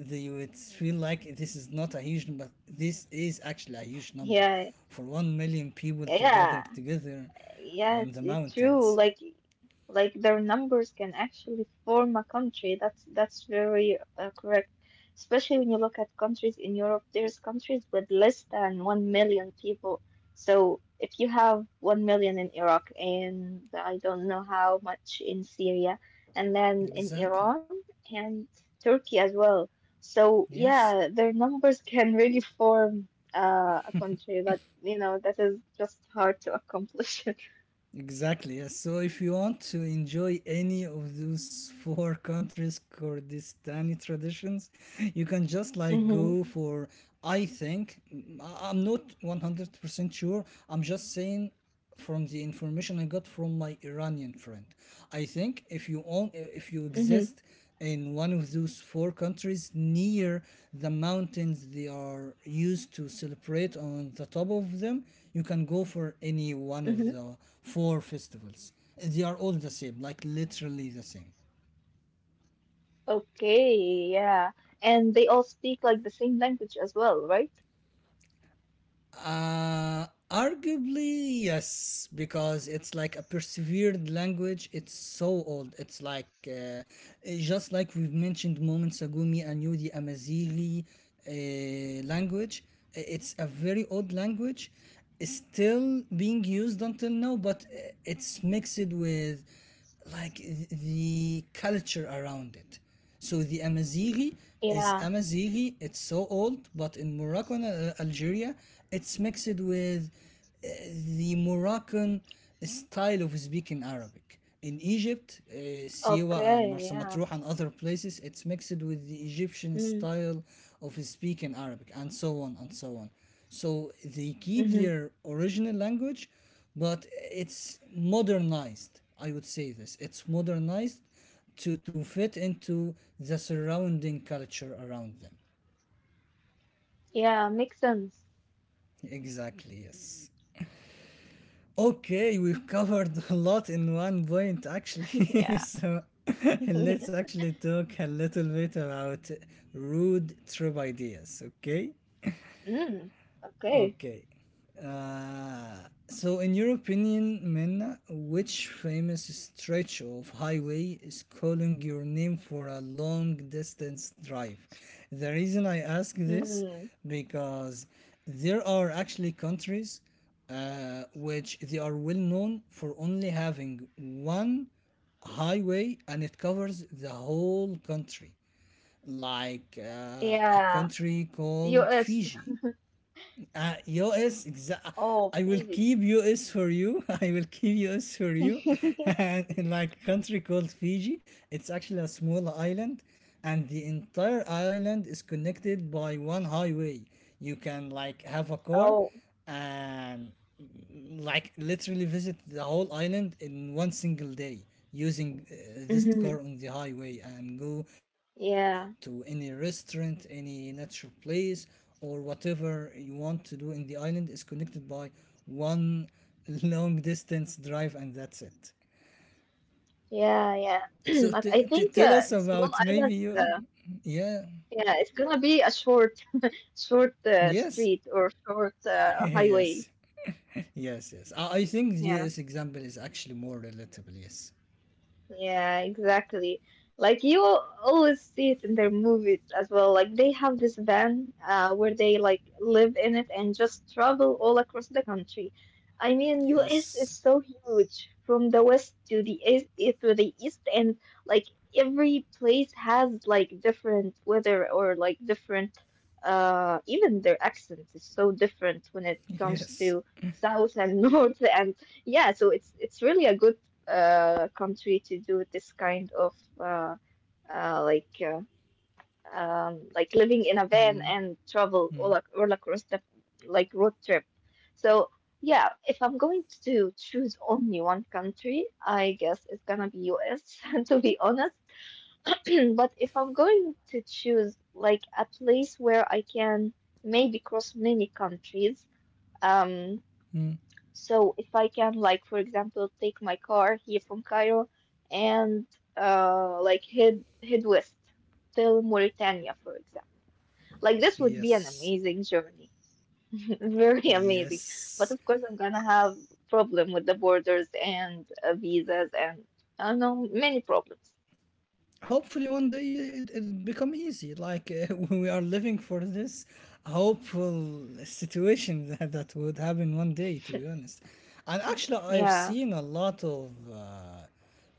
[SPEAKER 1] they would feel like this is not a huge number, but this is actually a huge number.
[SPEAKER 2] yeah,
[SPEAKER 1] For 1 million people to
[SPEAKER 2] yeah.
[SPEAKER 1] gather together
[SPEAKER 2] Yeah,
[SPEAKER 1] on
[SPEAKER 2] it's,
[SPEAKER 1] the
[SPEAKER 2] it's true.
[SPEAKER 1] mountains.
[SPEAKER 2] Like their numbers can actually form a country. That's very correct. Especially when you look at countries in Europe, there's countries with less than 1 million people. So if you have 1 million in Iraq and I don't know how much in Syria, and then in
[SPEAKER 1] Exactly.
[SPEAKER 2] Iran and Turkey as well. So
[SPEAKER 1] Yes.
[SPEAKER 2] yeah, their numbers can really form a country, but you know that is just hard to accomplish.
[SPEAKER 1] Exactly. Yes. So if you want to enjoy any of those four countries' Kurdistani traditions, you can just like go
[SPEAKER 2] Mm-hmm.
[SPEAKER 1] for. I think I'm not 100% sure. I'm just saying from the information I got from my Iranian friend. I think if you
[SPEAKER 2] Mm-hmm.
[SPEAKER 1] exist in one of those four countries, near the mountains they are used to celebrate on the top of them, you can go for any one of the
[SPEAKER 2] Mm-hmm.
[SPEAKER 1] four festivals. They are all the same, like literally the same.
[SPEAKER 2] Okay, yeah. And they all speak like the same language as well, right?
[SPEAKER 1] Arguably, yes, because it's like a persevered language. It's so old. It's like, it's just like we've mentioned moments ago, me and you, the Amazigh language. It's a very old language. It's still being used until now, but it's mixed with, like, the culture around it. So the Amazigh is
[SPEAKER 2] Yeah.
[SPEAKER 1] Amazigh. It's so old, but in Morocco and, Algeria, it's mixed with uh, the Moroccan style of speaking Arabic. In Egypt, Siwa and Marsa
[SPEAKER 2] Okay, yeah.
[SPEAKER 1] Matruh and other places, it's mixed with the Egyptian
[SPEAKER 2] Mm.
[SPEAKER 1] style of speaking Arabic, and so on and so on. So they keep
[SPEAKER 2] Mm-hmm.
[SPEAKER 1] their original language, but it's modernized. I would say this. It's modernized to fit into the surrounding culture around them.
[SPEAKER 2] Yeah, makes sense.
[SPEAKER 1] Exactly, yes. Okay, we've covered a lot in one point, actually.
[SPEAKER 2] Yeah.
[SPEAKER 1] So let's actually talk a little bit about rude trope ideas. Okay.
[SPEAKER 2] Mm, okay.
[SPEAKER 1] Okay. So, in your opinion, Minna, which famous stretch of highway is calling your name for a long distance drive? The reason I ask this,
[SPEAKER 2] Mm,
[SPEAKER 1] because there are actually countries which they are well known for only having one highway and it covers the whole country, like a
[SPEAKER 2] yeah.
[SPEAKER 1] country called
[SPEAKER 2] US.
[SPEAKER 1] Fiji. US,
[SPEAKER 2] Oh,
[SPEAKER 1] I will
[SPEAKER 2] busy.
[SPEAKER 1] keep US for you. I will keep US for you. And in like country called Fiji, it's actually a small island, and the entire island is connected by one highway. You can like have a car,
[SPEAKER 2] Oh.
[SPEAKER 1] and like literally visit the whole island in one single day using this
[SPEAKER 2] Mm-hmm.
[SPEAKER 1] car on the highway and go to any
[SPEAKER 2] Yeah.
[SPEAKER 1] restaurant, any natural place, or whatever you want to do in the island is connected by one long distance drive, and that's it.
[SPEAKER 2] Yeah, yeah.
[SPEAKER 1] So
[SPEAKER 2] But I think
[SPEAKER 1] tell us
[SPEAKER 2] in small
[SPEAKER 1] about maybe
[SPEAKER 2] islands,
[SPEAKER 1] you. Yeah.
[SPEAKER 2] yeah, it's gonna be a short, short
[SPEAKER 1] Yes.
[SPEAKER 2] street or short highway.
[SPEAKER 1] Yes. Yes. Yes. I think the
[SPEAKER 2] Yeah.
[SPEAKER 1] US example is actually more relatable. Yes.
[SPEAKER 2] Yeah, exactly. Like you always see it in their movies as well. Like they have this van where they like live in it and just travel all across the country. I mean, US
[SPEAKER 1] Yes.
[SPEAKER 2] is so huge from the west to the east and like every place has like different weather or like different even their accent is so different when it comes
[SPEAKER 1] Yes.
[SPEAKER 2] to south and north and yeah, so it's really a good country to do this kind of uh, uh, like uh, like living in a van
[SPEAKER 1] Mm,
[SPEAKER 2] and travel all,
[SPEAKER 1] mm,
[SPEAKER 2] ac- all across the like road trip. So yeah, if I'm going to choose only one country, I guess it's gonna be US to be honest. But if I'm going to choose like a place where I can maybe cross many countries,
[SPEAKER 1] mm.
[SPEAKER 2] um, so if I can, like, for example, take my car here from Cairo and like head west till Mauritania, for example. Like this would be an
[SPEAKER 1] Yes.
[SPEAKER 2] amazing journey, very amazing. But
[SPEAKER 1] Yes.
[SPEAKER 2] of course, I'm gonna have problem with the borders and visas and I don't know many problems.
[SPEAKER 1] Hopefully one day it, become easy like we are living for this hopeful situation. That would happen one day, to be honest. And actually I've seen
[SPEAKER 2] Yeah.
[SPEAKER 1] a lot of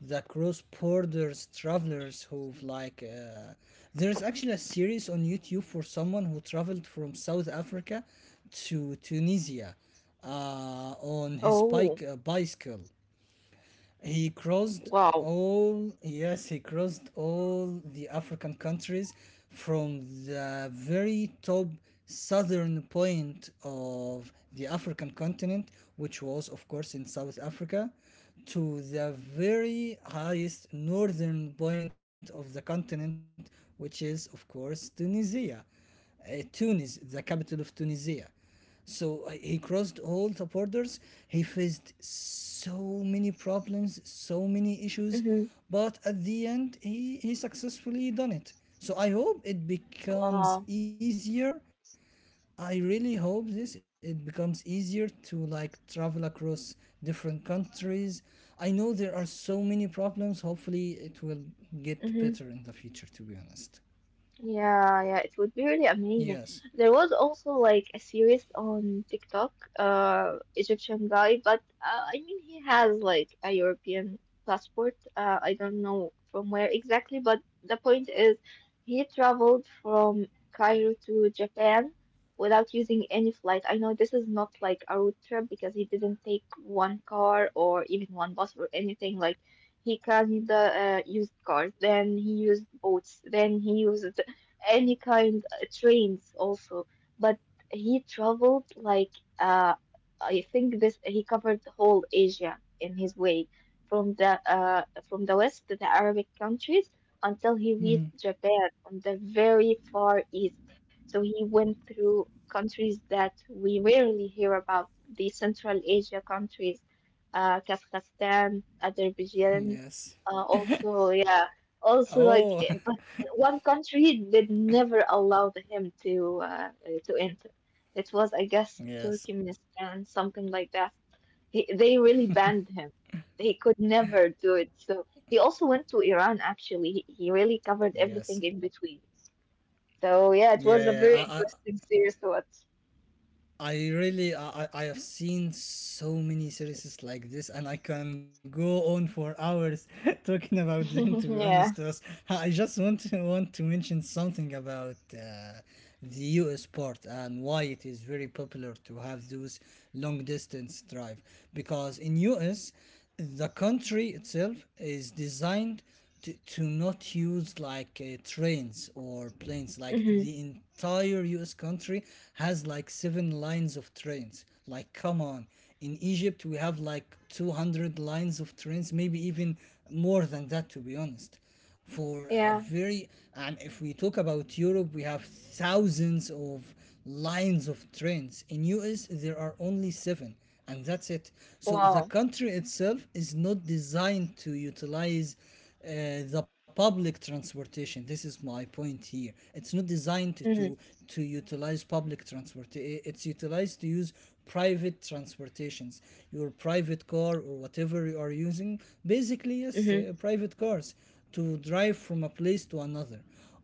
[SPEAKER 1] the cross borders travelers who've like there's actually a series on YouTube for someone who traveled from South Africa to Tunisia on his
[SPEAKER 2] Oh,
[SPEAKER 1] bike, bicycle. He crossed
[SPEAKER 2] wow.
[SPEAKER 1] all, yes, he crossed all the African countries from the very top southern point of the African continent, which was, of course, in South Africa, to the very highest northern point of the continent, which is, of course, Tunisia. Tunis, the capital of Tunisia. So he crossed all the borders. He faced so many problems, so many issues,
[SPEAKER 2] Mm-hmm.
[SPEAKER 1] but at the end, he successfully done it. So I hope it
[SPEAKER 2] Wow.
[SPEAKER 1] becomes easier. I really hope this it becomes easier to like travel across different countries. I know there are so many problems. Hopefully, it will get
[SPEAKER 2] Mm-hmm.
[SPEAKER 1] better in the future. To be honest,
[SPEAKER 2] Yeah, yeah, it would be really amazing.
[SPEAKER 1] yes.
[SPEAKER 2] There was also like a series on TikTok, Egyptian guy, but I mean he has like a European passport. I don't know from where exactly, but the point is he traveled from Cairo to Japan without using any flight. I know this is not like a road trip because he didn't take one car or even one bus or anything like he carried the used cars, then he used boats, then he used any kind trains also. But he traveled like uh I think this he covered whole Asia in his way from the west to the Arabic countries until he
[SPEAKER 1] Mm,
[SPEAKER 2] reached Japan on the very far east. So he went through countries that we rarely hear about, the Central Asia countries, Kazakhstan, Azerbaijan,
[SPEAKER 1] yes.
[SPEAKER 2] also, yeah, also, like,
[SPEAKER 1] Oh,
[SPEAKER 2] one country did never allow him to enter. It was, I guess,
[SPEAKER 1] yes.
[SPEAKER 2] Turkmenistan, something like that. They really banned him. He could never do it. So he also went to Iran, actually. He really covered
[SPEAKER 1] Yes.
[SPEAKER 2] everything in between. So yeah, it
[SPEAKER 1] Yeah,
[SPEAKER 2] was a
[SPEAKER 1] yeah.
[SPEAKER 2] very interesting series to watch.
[SPEAKER 1] I really I have seen so many series like this and I can go on for hours talking about them, to be
[SPEAKER 2] Yeah.
[SPEAKER 1] honest. Us. I just want to mention something about the US part and why it is very popular to have those long distance drive, because in US the country itself is designed to not use like trains or planes. Like
[SPEAKER 2] Hmm.
[SPEAKER 1] the entire US country has like seven lines of trains. Like come on, in Egypt we have like 200 lines of trains, maybe even more than that, to be honest. For a
[SPEAKER 2] Yeah.
[SPEAKER 1] very. And if we talk about Europe, we have thousands of lines of trains. In US there are only seven, and that's it. So the
[SPEAKER 2] Wow.
[SPEAKER 1] country itself is not designed to utilize the public transportation. This is my point here. It's not designed
[SPEAKER 2] Hmm.
[SPEAKER 1] to utilize public transport. It's utilized to use private transportations, your private car or whatever you are using. Basically, yes,
[SPEAKER 2] Hmm.
[SPEAKER 1] private cars to drive from a place to another,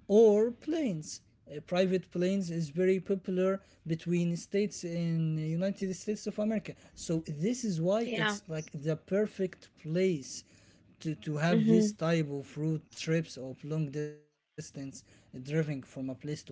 [SPEAKER 1] or planes. Private planes is very popular between states in the United States of America. So this is why it's
[SPEAKER 2] Yeah.
[SPEAKER 1] like the perfect place to have this
[SPEAKER 2] Hmm.
[SPEAKER 1] type of road trips of long distance driving from a place to another.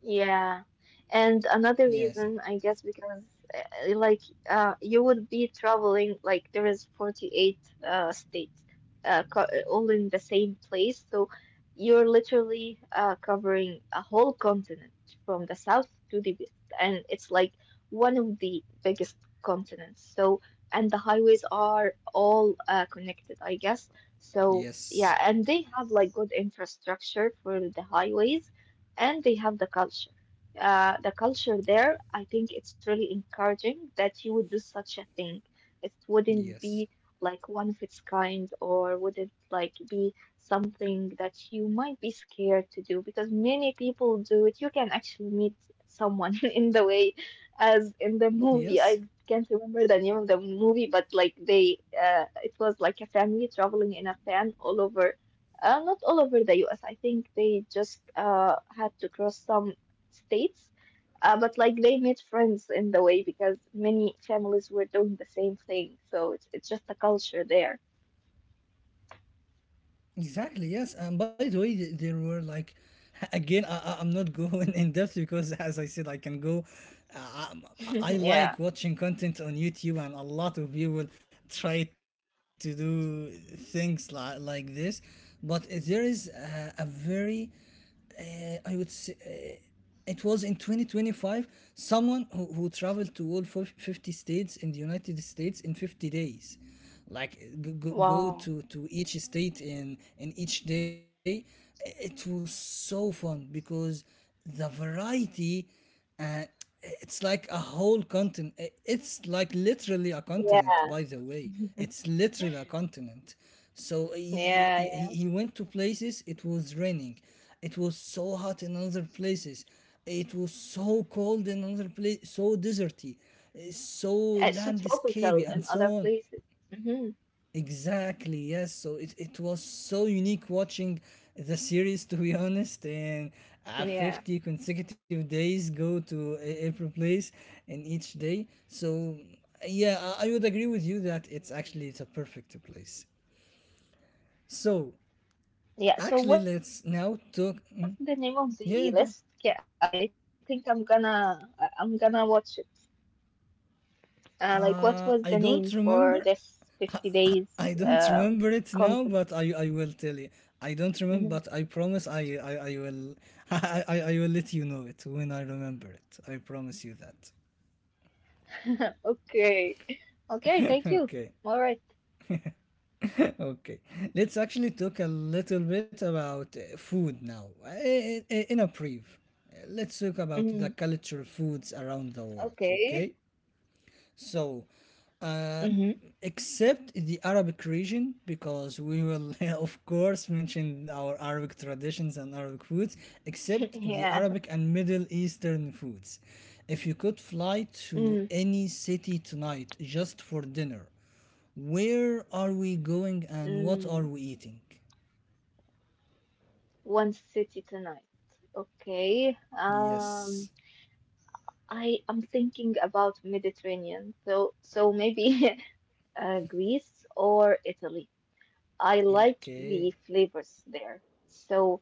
[SPEAKER 2] Yeah. And another
[SPEAKER 1] Yes.
[SPEAKER 2] reason, I guess, because like you would be traveling like there is 48 states, all in the same place. So you're literally covering a whole continent from the south to the west. And it's like one of the biggest continents. So, and the highways are all connected, I guess. So, yeah, and
[SPEAKER 1] Yes.
[SPEAKER 2] they have like good infrastructure for the highways and they have the culture. The culture there, I think it's really encouraging that you would do such a thing. It wouldn't be
[SPEAKER 1] Yes.
[SPEAKER 2] like one of its kind, or wouldn't like be something that you might be scared to do because many people do it. You can actually meet someone in the way, as in the movie.
[SPEAKER 1] Yes.
[SPEAKER 2] I can't remember the name of the movie, but like it was like a family traveling in a van all over not all over the US. I think they just had to cross some states. But like they made friends in the way because many families were doing the same thing. So it's just a culture there.
[SPEAKER 1] Exactly, yes. And by the way, there were like, again, I'm not going in depth because, as I said, I can go. Uh, um,
[SPEAKER 2] Yeah.
[SPEAKER 1] I like watching content on YouTube, and a lot of people try to do things like this. But there is a very uh, I would say uh, it was in 2025 someone who traveled to all 50 states in the United States in 50 days. Like go, go,
[SPEAKER 2] Wow.
[SPEAKER 1] go to each state in each day. It was so fun because the variety and it's like a whole continent. It's like literally a
[SPEAKER 2] Yeah.
[SPEAKER 1] continent, by the way. It's literally a continent. So
[SPEAKER 2] Yeah. Yeah.
[SPEAKER 1] he went to places, it was raining. It was so hot in other places. It was so cold in other place, so deserty, eh, so
[SPEAKER 2] It's so tropical
[SPEAKER 1] landscapey,
[SPEAKER 2] in
[SPEAKER 1] and so
[SPEAKER 2] other
[SPEAKER 1] on.
[SPEAKER 2] places. Hmm.
[SPEAKER 1] Exactly, yes. So it was so unique watching the series, to be honest, and 50
[SPEAKER 2] Yeah.
[SPEAKER 1] consecutive days go to every place and each day. So, yeah, I would agree with you that it's actually the perfect place. So,
[SPEAKER 2] Yeah. So
[SPEAKER 1] actually,
[SPEAKER 2] what's the
[SPEAKER 1] let's
[SPEAKER 2] name of
[SPEAKER 1] now
[SPEAKER 2] the
[SPEAKER 1] talk.
[SPEAKER 2] list?
[SPEAKER 1] Mm,
[SPEAKER 2] Yeah, I think
[SPEAKER 1] yeah, go.
[SPEAKER 2] I'm gonna watch it. Like, what was the name for this 50
[SPEAKER 1] I
[SPEAKER 2] days
[SPEAKER 1] don't remember.
[SPEAKER 2] content?
[SPEAKER 1] I don't remember it now, but
[SPEAKER 2] Mhm.
[SPEAKER 1] I will tell you. I don't remember, but I promise I will I will let you know it when I remember it. I promise you that.
[SPEAKER 2] Okay. Okay, thank you. All right.
[SPEAKER 1] Okay, okay. Let's actually talk a little bit about food now. In a brief,
[SPEAKER 2] Mm,
[SPEAKER 1] let's talk about the culture foods around
[SPEAKER 2] okay.
[SPEAKER 1] the world. Okay. So,
[SPEAKER 2] Mm-hmm.
[SPEAKER 1] uh, except the Arabic region, because we will, of course, mention our Arabic traditions and Arabic foods, except
[SPEAKER 2] Yeah.
[SPEAKER 1] the Arabic and Middle Eastern foods. If you could fly
[SPEAKER 2] Mm,
[SPEAKER 1] to any city tonight just for dinner, where are we going and what are
[SPEAKER 2] mm.
[SPEAKER 1] we eating?
[SPEAKER 2] One city tonight. Okay.
[SPEAKER 1] Yes.
[SPEAKER 2] I am thinking about Mediterranean. So maybe Greece or Italy. I like the
[SPEAKER 1] Okay.
[SPEAKER 2] flavors there. So,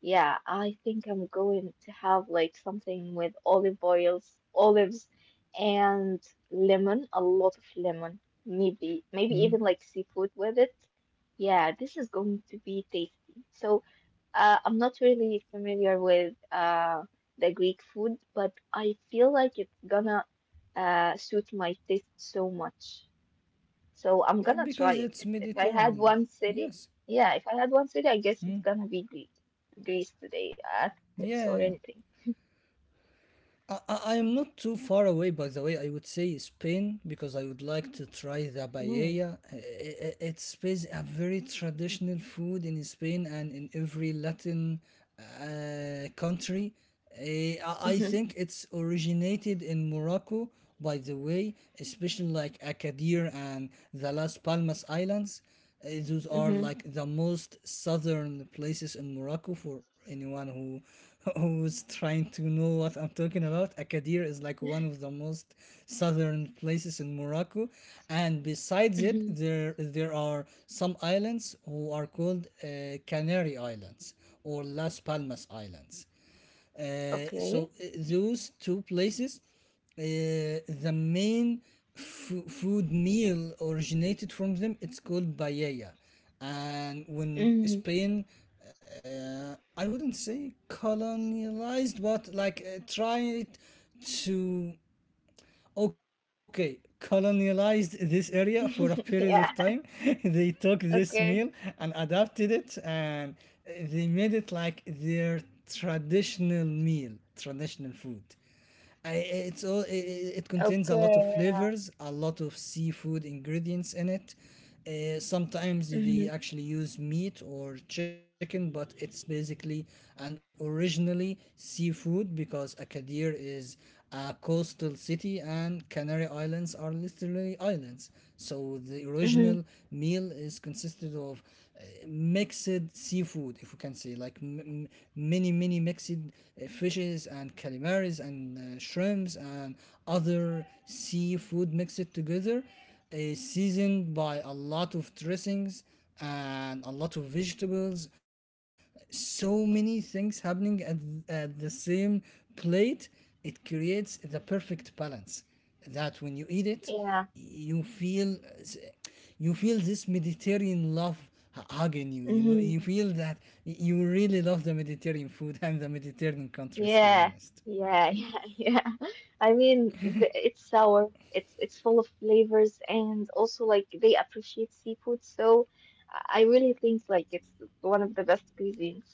[SPEAKER 2] yeah, I think I'm going to have like something with olive oils, olives, and lemon, a lot of lemon. Maybe
[SPEAKER 1] Hmm.
[SPEAKER 2] even like seafood with it. Yeah, this is going to be tasty. So, I'm not really familiar with the Greek food, but I feel like it's gonna suit my taste so much. So I'm
[SPEAKER 1] Yeah,
[SPEAKER 2] gonna try
[SPEAKER 1] because
[SPEAKER 2] it. If
[SPEAKER 1] it's
[SPEAKER 2] if I had
[SPEAKER 1] Mediterranean.
[SPEAKER 2] one city,
[SPEAKER 1] Yes.
[SPEAKER 2] yeah, if I had one city, I
[SPEAKER 1] Hmm.
[SPEAKER 2] guess it's gonna be Greece. Greece today, Athens or
[SPEAKER 1] Yeah.
[SPEAKER 2] anything.
[SPEAKER 1] I am not too far away, by the way. I would say Spain because I would like to try the
[SPEAKER 2] Mm.
[SPEAKER 1] paella. It's Spain, a very traditional food in Spain and in every Latin country. Eh, I
[SPEAKER 2] Mm-hmm.
[SPEAKER 1] think it's originated in Morocco, by the way, especially like Agadir and the Las Palmas Islands. Those are
[SPEAKER 2] Mm-hmm.
[SPEAKER 1] like the most southern places in Morocco. For anyone who who's trying to know what I'm talking about, Agadir is like one of the most southern places in Morocco. And besides it,
[SPEAKER 2] Mm-hmm.
[SPEAKER 1] there are some islands who are called Canary Islands or Las Palmas Islands. Uh, so
[SPEAKER 2] Okay.
[SPEAKER 1] uh, those two places, uh, the main food meal originated from them. It's called paella, and when
[SPEAKER 2] Mm.
[SPEAKER 1] Spain, I wouldn't say colonized, but like tried to okay, colonialized this area for a period of
[SPEAKER 2] Yeah.
[SPEAKER 1] time. They took this meal
[SPEAKER 2] Okay.
[SPEAKER 1] and adapted it and they made it like their traditional meal, traditional food. I, it's all it, it contains a lot
[SPEAKER 2] Okay.
[SPEAKER 1] of
[SPEAKER 2] Yeah.
[SPEAKER 1] flavors, a lot of seafood ingredients in it. Sometimes
[SPEAKER 2] Mm-hmm.
[SPEAKER 1] they actually use meat or chicken, but it's basically and originally seafood, because Agadir is a coastal city and Canary Islands are literally islands. So the original
[SPEAKER 2] Mm-hmm.
[SPEAKER 1] meal is consisted of mixed seafood, if we can say, like many, many mixed fishes and calamaris and shrimps and other seafood mixed together, uh, seasoned by a lot of dressings and a lot of vegetables. So many things happening at the same plate. It creates the perfect balance that when you eat it,
[SPEAKER 2] Yeah.
[SPEAKER 1] you feel this Mediterranean love hugging you. You know, you
[SPEAKER 2] Mm-hmm.
[SPEAKER 1] feel that you really love the Mediterranean food and the Mediterranean countries. To be
[SPEAKER 2] Yeah,
[SPEAKER 1] honest.
[SPEAKER 2] yeah, yeah, yeah. I mean, th it's sour. It's full of flavors, and also like they appreciate seafood, so I really think like it's one of the best cuisines.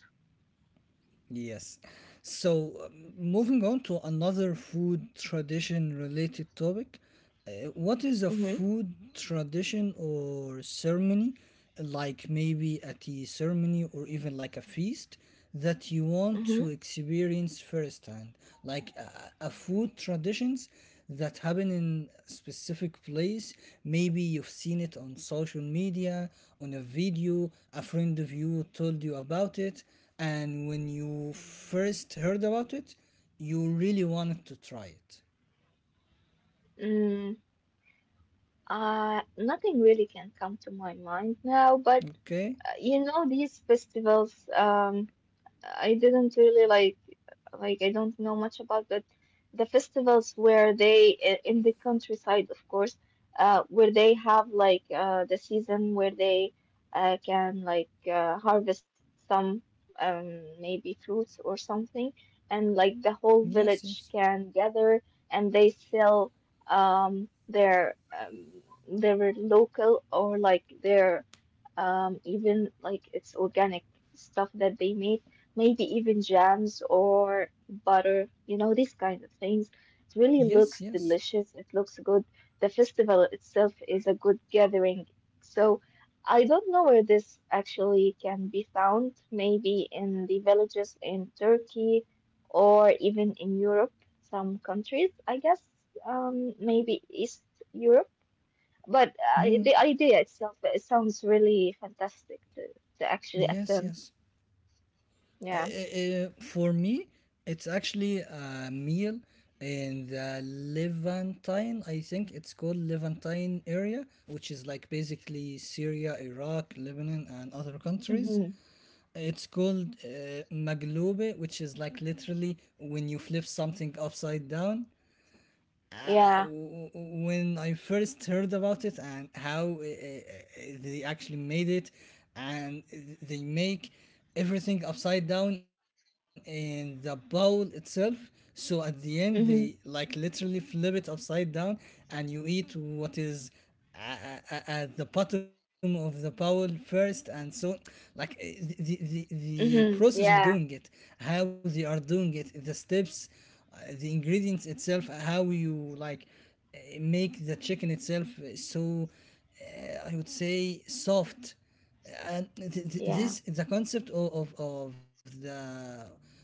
[SPEAKER 1] Yes. So, moving on to another food tradition related topic. What is a
[SPEAKER 2] Mm-hmm.
[SPEAKER 1] food tradition or ceremony, like maybe a tea ceremony or even like a feast, that you want
[SPEAKER 2] Mm-hmm.
[SPEAKER 1] to experience firsthand? Like a food traditions that happen in a specific place. Maybe you've seen it on social media, on a video, a friend of you told you about it, and when you first heard about it you really wanted to try it.
[SPEAKER 2] Mm, Nothing really can come to my mind now, but
[SPEAKER 1] Okay.
[SPEAKER 2] you know these festivals. I didn't really like I don't know much about that. The festivals where in the countryside, of course, where they have the season where they can harvest some, maybe fruits or something, and like the
[SPEAKER 1] Yes. Yes.
[SPEAKER 2] whole village can gather and they sell their, their local, or like their, even like it's organic stuff that they made, maybe even jams or butter, you know, these kind of things. It
[SPEAKER 1] Yes.
[SPEAKER 2] really
[SPEAKER 1] Yes.
[SPEAKER 2] looks delicious. It looks good. The festival itself is a good gathering. So I don't know where this actually can be found, maybe in the villages in Turkey or even in Europe, some countries, I guess, maybe East Europe. But
[SPEAKER 1] Mm,
[SPEAKER 2] the idea itself, it sounds really fantastic to actually
[SPEAKER 1] yes. Yes.
[SPEAKER 2] attempt. Yeah.
[SPEAKER 1] For me it's actually a meal in the Levantine, I think it's called Levantine area, which is like basically Syria, Iraq, Lebanon and other countries.
[SPEAKER 2] Mm-hmm.
[SPEAKER 1] It's called maglube, which is like literally when you flip something upside down. Uh,
[SPEAKER 2] Yeah.
[SPEAKER 1] when I first heard about it and how they actually made it, and they make everything upside down in the bowl itself. So at the end,
[SPEAKER 2] Mm-hmm.
[SPEAKER 1] they like literally flip it upside down, and you eat what is at the bottom of the bowl first. And so like eh, the the
[SPEAKER 2] Mm-hmm.
[SPEAKER 1] process
[SPEAKER 2] Yeah.
[SPEAKER 1] of doing it, how they are doing it, the steps, the ingredients itself, how you like make the chicken itself. Uh, so I would say soft. And
[SPEAKER 2] Yeah.
[SPEAKER 1] this the concept of the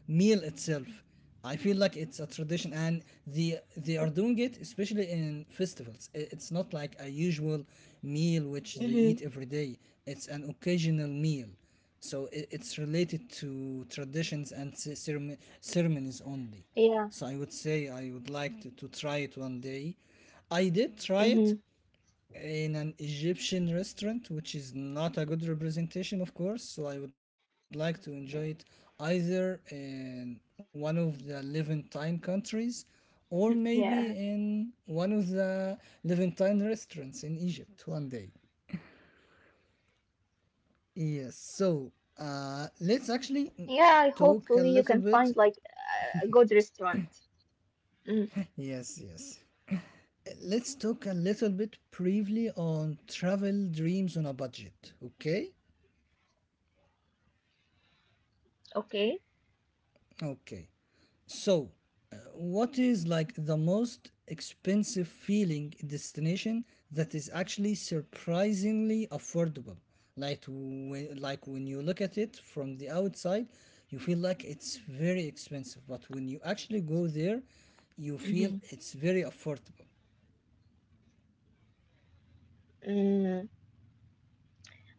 [SPEAKER 1] meal itself. I feel like it's a tradition, and the they are doing it especially in festivals. It's not like a usual meal which they
[SPEAKER 2] Mm-hmm.
[SPEAKER 1] eat every day. It's an occasional meal, so it's related to traditions and ceremonies only.
[SPEAKER 2] Yeah.
[SPEAKER 1] So I would say I would like to try it one day. I did try it
[SPEAKER 2] Mm-hmm.
[SPEAKER 1] in an Egyptian restaurant, which is not a good representation, of course. So I would like to enjoy it either in one of the
[SPEAKER 2] Yeah.
[SPEAKER 1] Levantine countries or maybe in one of the Levantine restaurants in Egypt one day. Yes, so
[SPEAKER 2] Yeah. Hopefully you
[SPEAKER 1] let's
[SPEAKER 2] can
[SPEAKER 1] actually
[SPEAKER 2] find like
[SPEAKER 1] talk
[SPEAKER 2] a
[SPEAKER 1] a
[SPEAKER 2] good
[SPEAKER 1] little bit.
[SPEAKER 2] restaurant. Mm.
[SPEAKER 1] Yes, yes. Let's talk a little bit briefly on travel dreams on a budget, okay?
[SPEAKER 2] Okay.
[SPEAKER 1] Okay. So, what is like the most expensive feeling destination that is actually surprisingly affordable? Like when you look at it from the outside, you feel like it's very expensive, but when you actually go there, you
[SPEAKER 2] Mm-hmm.
[SPEAKER 1] feel it's very affordable.
[SPEAKER 2] Mm.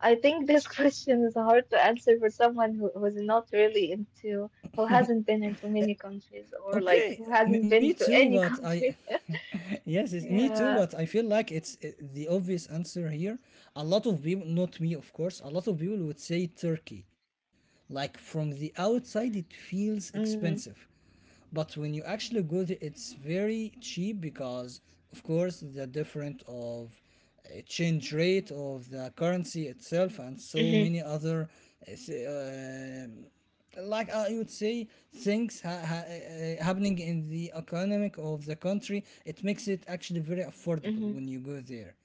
[SPEAKER 2] I think this question is hard to answer for someone who's not really who hasn't been into many countries, or like
[SPEAKER 1] Okay,
[SPEAKER 2] who hasn't
[SPEAKER 1] me
[SPEAKER 2] been to
[SPEAKER 1] too,
[SPEAKER 2] any
[SPEAKER 1] but I.
[SPEAKER 2] country.
[SPEAKER 1] Yes, it's me too,
[SPEAKER 2] Yeah.
[SPEAKER 1] but I feel like it's the obvious answer here. A lot of people, not me, of course, a lot of people would say Turkey. Like from the outside, it feels
[SPEAKER 2] Mm-hmm.
[SPEAKER 1] expensive. But when you actually go there, it's very cheap because, of course, the different of change rate of the currency itself and
[SPEAKER 2] Mm-hmm.
[SPEAKER 1] so many other uh, uh, like I would say, things happening in the economic of the country, it makes it actually very
[SPEAKER 2] Mm-hmm.
[SPEAKER 1] affordable when you go there,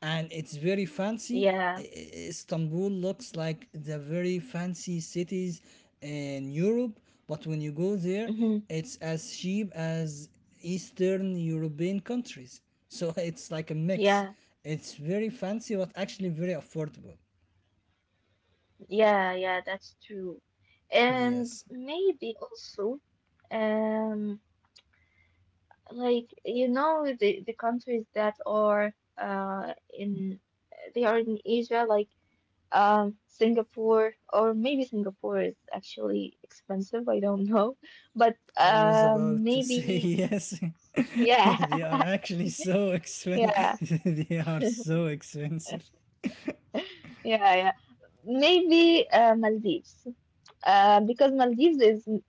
[SPEAKER 1] and it's very fancy.
[SPEAKER 2] Yeah.
[SPEAKER 1] Istanbul looks like the very fancy cities in Europe, but when you go there,
[SPEAKER 2] Mm-hmm.
[SPEAKER 1] it's as cheap as Eastern European countries. So it's like a mix.
[SPEAKER 2] Yeah.
[SPEAKER 1] It's very fancy, but actually very affordable.
[SPEAKER 2] Yeah. Yeah. That's true. And
[SPEAKER 1] Yes.
[SPEAKER 2] maybe also, um, like the countries that are in they are in Asia, like Singapore. Or maybe Singapore is actually expensive, I don't know, but
[SPEAKER 1] I was about to say
[SPEAKER 2] maybe.
[SPEAKER 1] yes.
[SPEAKER 2] Yeah,
[SPEAKER 1] They are actually so expensive.
[SPEAKER 2] yeah,
[SPEAKER 1] They are so expensive.
[SPEAKER 2] yeah, yeah. Maybe Maldives. Because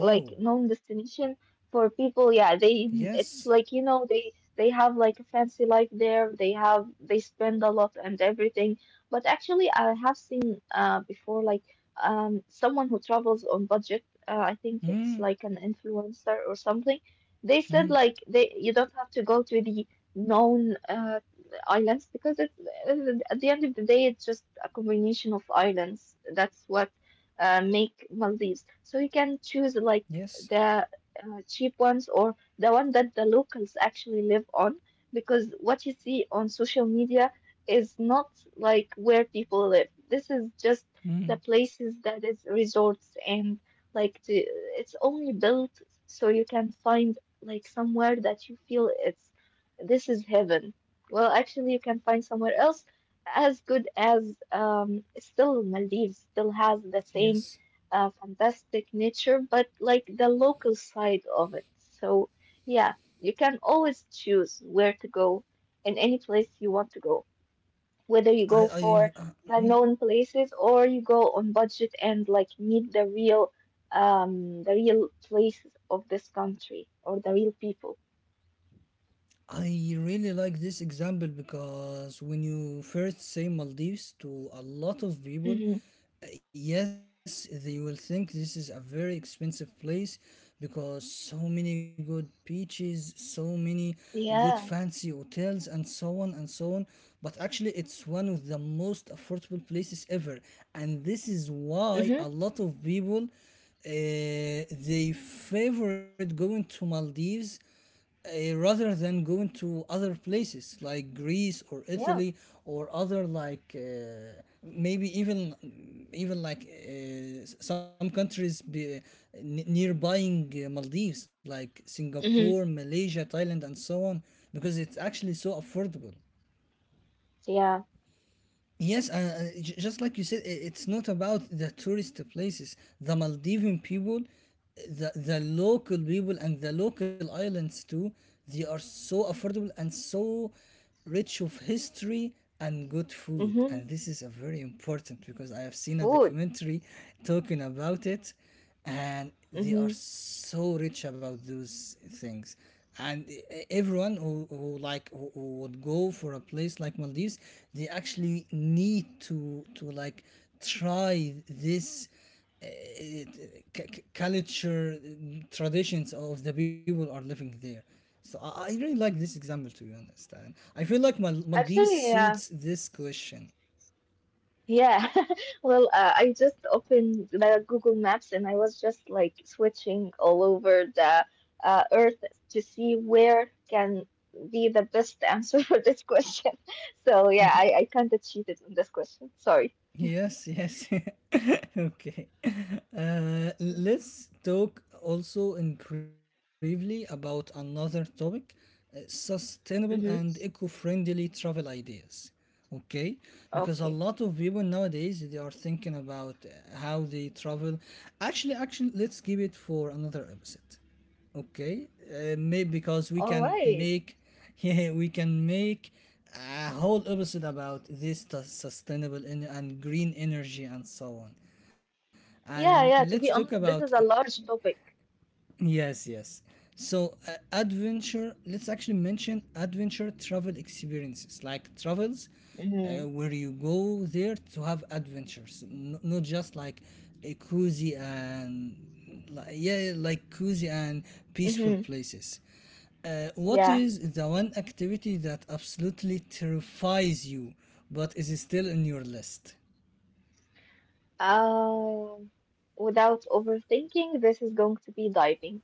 [SPEAKER 2] like known destination for people. Yeah,
[SPEAKER 1] yes.
[SPEAKER 2] they it's like, you know, they have like a fancy life there. They spend a lot and everything. But actually, I have seen before, like, someone who travels on budget. I think
[SPEAKER 1] Hmm.
[SPEAKER 2] it's like an influencer or something. They
[SPEAKER 1] Hmm.
[SPEAKER 2] said like, they you don't have to go to the known islands, because it's at the end of the day it's just a combination of islands. That's what make Maldives. So you can choose
[SPEAKER 1] Yes.
[SPEAKER 2] like the cheap ones, or the one that the locals actually live on, because what you see on social media is not like where people live. This is just
[SPEAKER 1] Hmm.
[SPEAKER 2] the places that is resorts, and like it's only built so you can find like somewhere that you feel it's, this is heaven. Well, actually, you can find somewhere else as good as, still Maldives still has the same
[SPEAKER 1] Yes.
[SPEAKER 2] fantastic nature, but like the local side of it. So yeah, you can always choose where to go in any place you want to go, whether
[SPEAKER 1] I.
[SPEAKER 2] you go
[SPEAKER 1] I.
[SPEAKER 2] for
[SPEAKER 1] Hmm.
[SPEAKER 2] the known places, or you go on budget and like meet the real, the real places of this country or the real people.
[SPEAKER 1] I really like this example because when you first say Maldives to a lot of people,
[SPEAKER 2] Hmm.
[SPEAKER 1] yes, they will think this is a very expensive place because so many good beaches, so many good
[SPEAKER 2] Yeah.
[SPEAKER 1] fancy hotels, and so on and so on. But actually, it's one of the most affordable places ever, and this is why
[SPEAKER 2] Hmm.
[SPEAKER 1] a lot of people they favorite going to Maldives rather than going to other places like Greece or
[SPEAKER 2] Yeah.
[SPEAKER 1] Italy or other like maybe even like some countries nearbying Maldives like Singapore,
[SPEAKER 2] Hmm.
[SPEAKER 1] Malaysia, Thailand, and so on because it's actually so affordable.
[SPEAKER 2] Yeah.
[SPEAKER 1] Yes, just like you said, it's not about the tourist places. The Maldivian people, the local people, and the local islands too. They are so affordable and so rich of history and good food.
[SPEAKER 2] Hmm.
[SPEAKER 1] And this is a very important because I have seen a
[SPEAKER 2] Food.
[SPEAKER 1] documentary talking about it, and they are
[SPEAKER 2] Hmm.
[SPEAKER 1] so rich about those things and everyone who would go for a place like maldives they actually need to like try this uh, c- culture traditions of the people are living there so I really like this example to be honest and I feel like maldives
[SPEAKER 2] Actually, yeah,
[SPEAKER 1] suits this question.
[SPEAKER 2] yeah. Well, I just opened the Google Maps and I was just like switching all over the, Earth, to see where can be the best answer for this question. So yeah, I kind of cheated on this question. Sorry.
[SPEAKER 1] Yes, yes. Okay. Let's talk also in briefly about another topic sustainable
[SPEAKER 2] Mm-hmm.
[SPEAKER 1] and eco friendly travel ideas. Okay, because a
[SPEAKER 2] Okay.
[SPEAKER 1] lot of people nowadays they are thinking about how they travel. Actually, let's give it for another episode, okay? Maybe because we
[SPEAKER 2] All
[SPEAKER 1] can
[SPEAKER 2] right.
[SPEAKER 1] make yeah we can make a whole episode about this sustainable and green energy and so on,
[SPEAKER 2] Yeah,
[SPEAKER 1] let's
[SPEAKER 2] yeah.
[SPEAKER 1] talk
[SPEAKER 2] To be
[SPEAKER 1] about
[SPEAKER 2] honest, this is a large topic.
[SPEAKER 1] Yes, yes. So, adventure, let's actually mention adventure travel experiences, like travels
[SPEAKER 2] Mm-hmm.
[SPEAKER 1] where you go there to have adventures, not just like a cozy and, yeah, yeah, like cozy and peaceful
[SPEAKER 2] Mm-hmm.
[SPEAKER 1] places. What
[SPEAKER 2] Yeah.
[SPEAKER 1] is the one activity that absolutely terrifies you, but is still in your list?
[SPEAKER 2] Um, Without overthinking, this is going to be diving.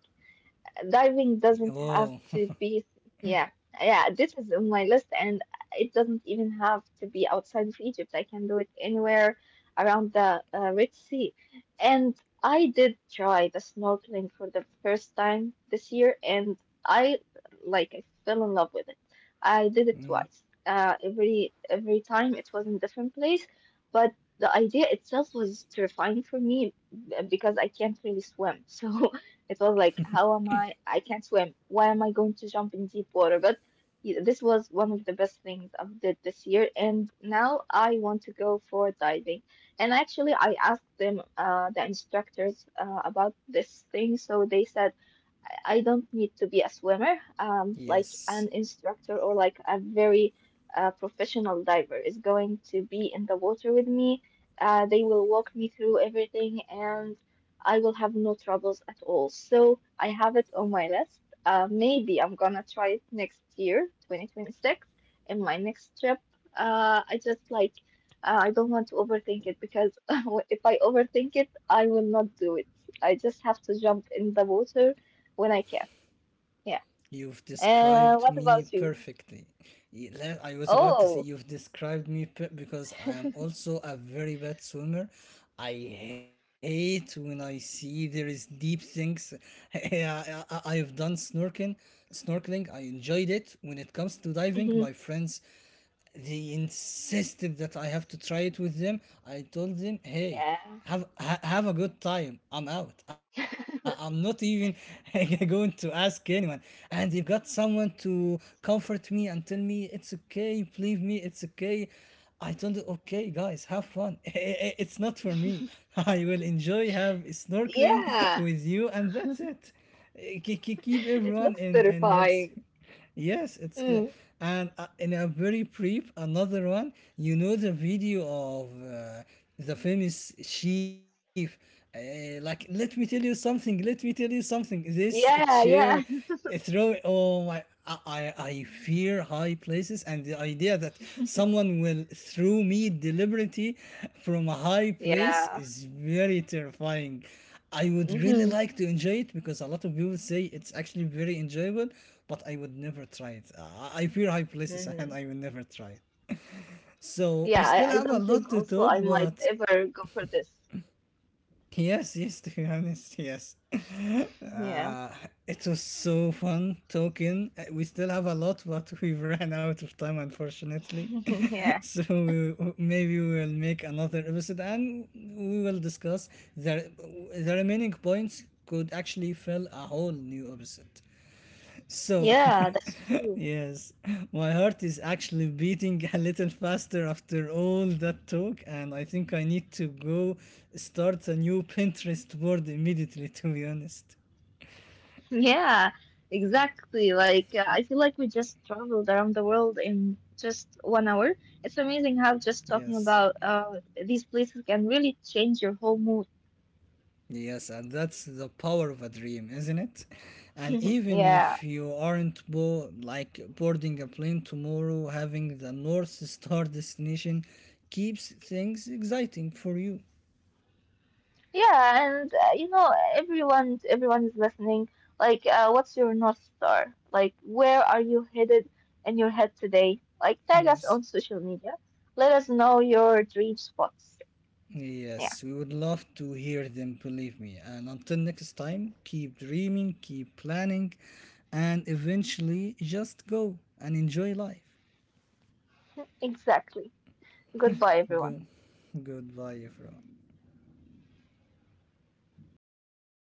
[SPEAKER 2] Diving doesn't
[SPEAKER 1] Oh,
[SPEAKER 2] have to be, yeah, yeah, this is on my list, and it doesn't even have to be outside of Egypt. I can do it anywhere around the Red Sea. And I did try the snorkeling for the first time this year, and I like I fell in love with it. I did it twice. Every time it was in a different place, but the idea itself was terrifying for me because I can't really swim. So it was like, how am I? I can't swim. Why am I going to jump in deep water? But yeah, this was one of the best things I did this year, and now I want to go for diving. And actually, I asked them, the instructors, about this thing, so they said, I don't need to be a swimmer. Like an
[SPEAKER 1] yes.
[SPEAKER 2] instructor, or like a very professional diver, is going to be in the water with me. They will walk me through everything, and I will have no troubles at all. So I have it on my list. Maybe I'm gonna try it next year, 2026, in my next trip. Uh, I just like, I don't want to overthink it, because if I overthink it, I will not do it. I just have to jump in the water when I can. Yeah.
[SPEAKER 1] You've described
[SPEAKER 2] And what
[SPEAKER 1] me
[SPEAKER 2] about you?
[SPEAKER 1] perfectly. I was about to say
[SPEAKER 2] Oh,
[SPEAKER 1] you've described me because I am also a very bad swimmer. I hate when I see there is deep things. I have done snorkeling. I enjoyed it. When it comes to diving,
[SPEAKER 2] hmm,
[SPEAKER 1] my friends they insisted that I have to try it with them. I told them, hey,
[SPEAKER 2] yeah.
[SPEAKER 1] have a good time. I'm out. I'm not even going to ask anyone. And they've got someone to comfort me and tell me it's okay. Believe me, it's okay. I told them, okay, guys, have fun. It's not for me. I will enjoy have snorkeling
[SPEAKER 2] Yeah,
[SPEAKER 1] with you, and that's it. Keep
[SPEAKER 2] it
[SPEAKER 1] everyone
[SPEAKER 2] looks
[SPEAKER 1] in heads.
[SPEAKER 2] terrifying.
[SPEAKER 1] Yes,
[SPEAKER 2] Mm.
[SPEAKER 1] and in a very brief another one. You know the video of the famous chief. Like, let me tell you something. Let me tell you something. This
[SPEAKER 2] Yeah,
[SPEAKER 1] chair,
[SPEAKER 2] yeah,
[SPEAKER 1] it throw. Oh my! I fear high places, and the idea that someone will throw me deliberately from a high place
[SPEAKER 2] yeah.
[SPEAKER 1] is very terrifying. I would really
[SPEAKER 2] Hmm.
[SPEAKER 1] like to enjoy it because a lot of people say it's actually very enjoyable, but I would never try it. Fear high places and I
[SPEAKER 2] Hmm.
[SPEAKER 1] will never try it. So
[SPEAKER 2] Yeah,
[SPEAKER 1] we still
[SPEAKER 2] I, I
[SPEAKER 1] have a
[SPEAKER 2] don't
[SPEAKER 1] lot
[SPEAKER 2] think
[SPEAKER 1] to
[SPEAKER 2] also
[SPEAKER 1] talk,
[SPEAKER 2] I might
[SPEAKER 1] but
[SPEAKER 2] ever go for this.
[SPEAKER 1] yes, yes, to be honest, yes.
[SPEAKER 2] Yeah,
[SPEAKER 1] Uh, it was so fun talking. We still have a lot, but we ran out of time, unfortunately.
[SPEAKER 2] yeah,
[SPEAKER 1] So maybe we will make another episode and we will discuss the, the remaining points could actually fill a whole new episode. So
[SPEAKER 2] yeah, that's true.
[SPEAKER 1] yes, my heart is actually beating a little faster after all that talk, and I think I need to go start a new Pinterest board immediately, to be honest.
[SPEAKER 2] Yeah, exactly. Like, I feel like we just traveled around the world in just 1 hour. It's amazing how just
[SPEAKER 1] Yes.
[SPEAKER 2] talking about these places can really change your whole mood.
[SPEAKER 1] Yes, and that's the power of a dream, isn't it? And even
[SPEAKER 2] Yeah.
[SPEAKER 1] if you aren't like boarding a plane tomorrow, having the North Star destination keeps things exciting for you.
[SPEAKER 2] Yeah, and you know, everyone is listening. Like, what's your North Star? Like, where are you headed in your head today? Like, tag us
[SPEAKER 1] Yes.
[SPEAKER 2] on social media. Let us know your dream spots. Yeah,
[SPEAKER 1] Yes, we would love to hear them, believe me. And until next time, keep dreaming, keep planning, and eventually just go and enjoy life.
[SPEAKER 2] exactly. Goodbye, everyone.
[SPEAKER 1] Good. Goodbye, everyone.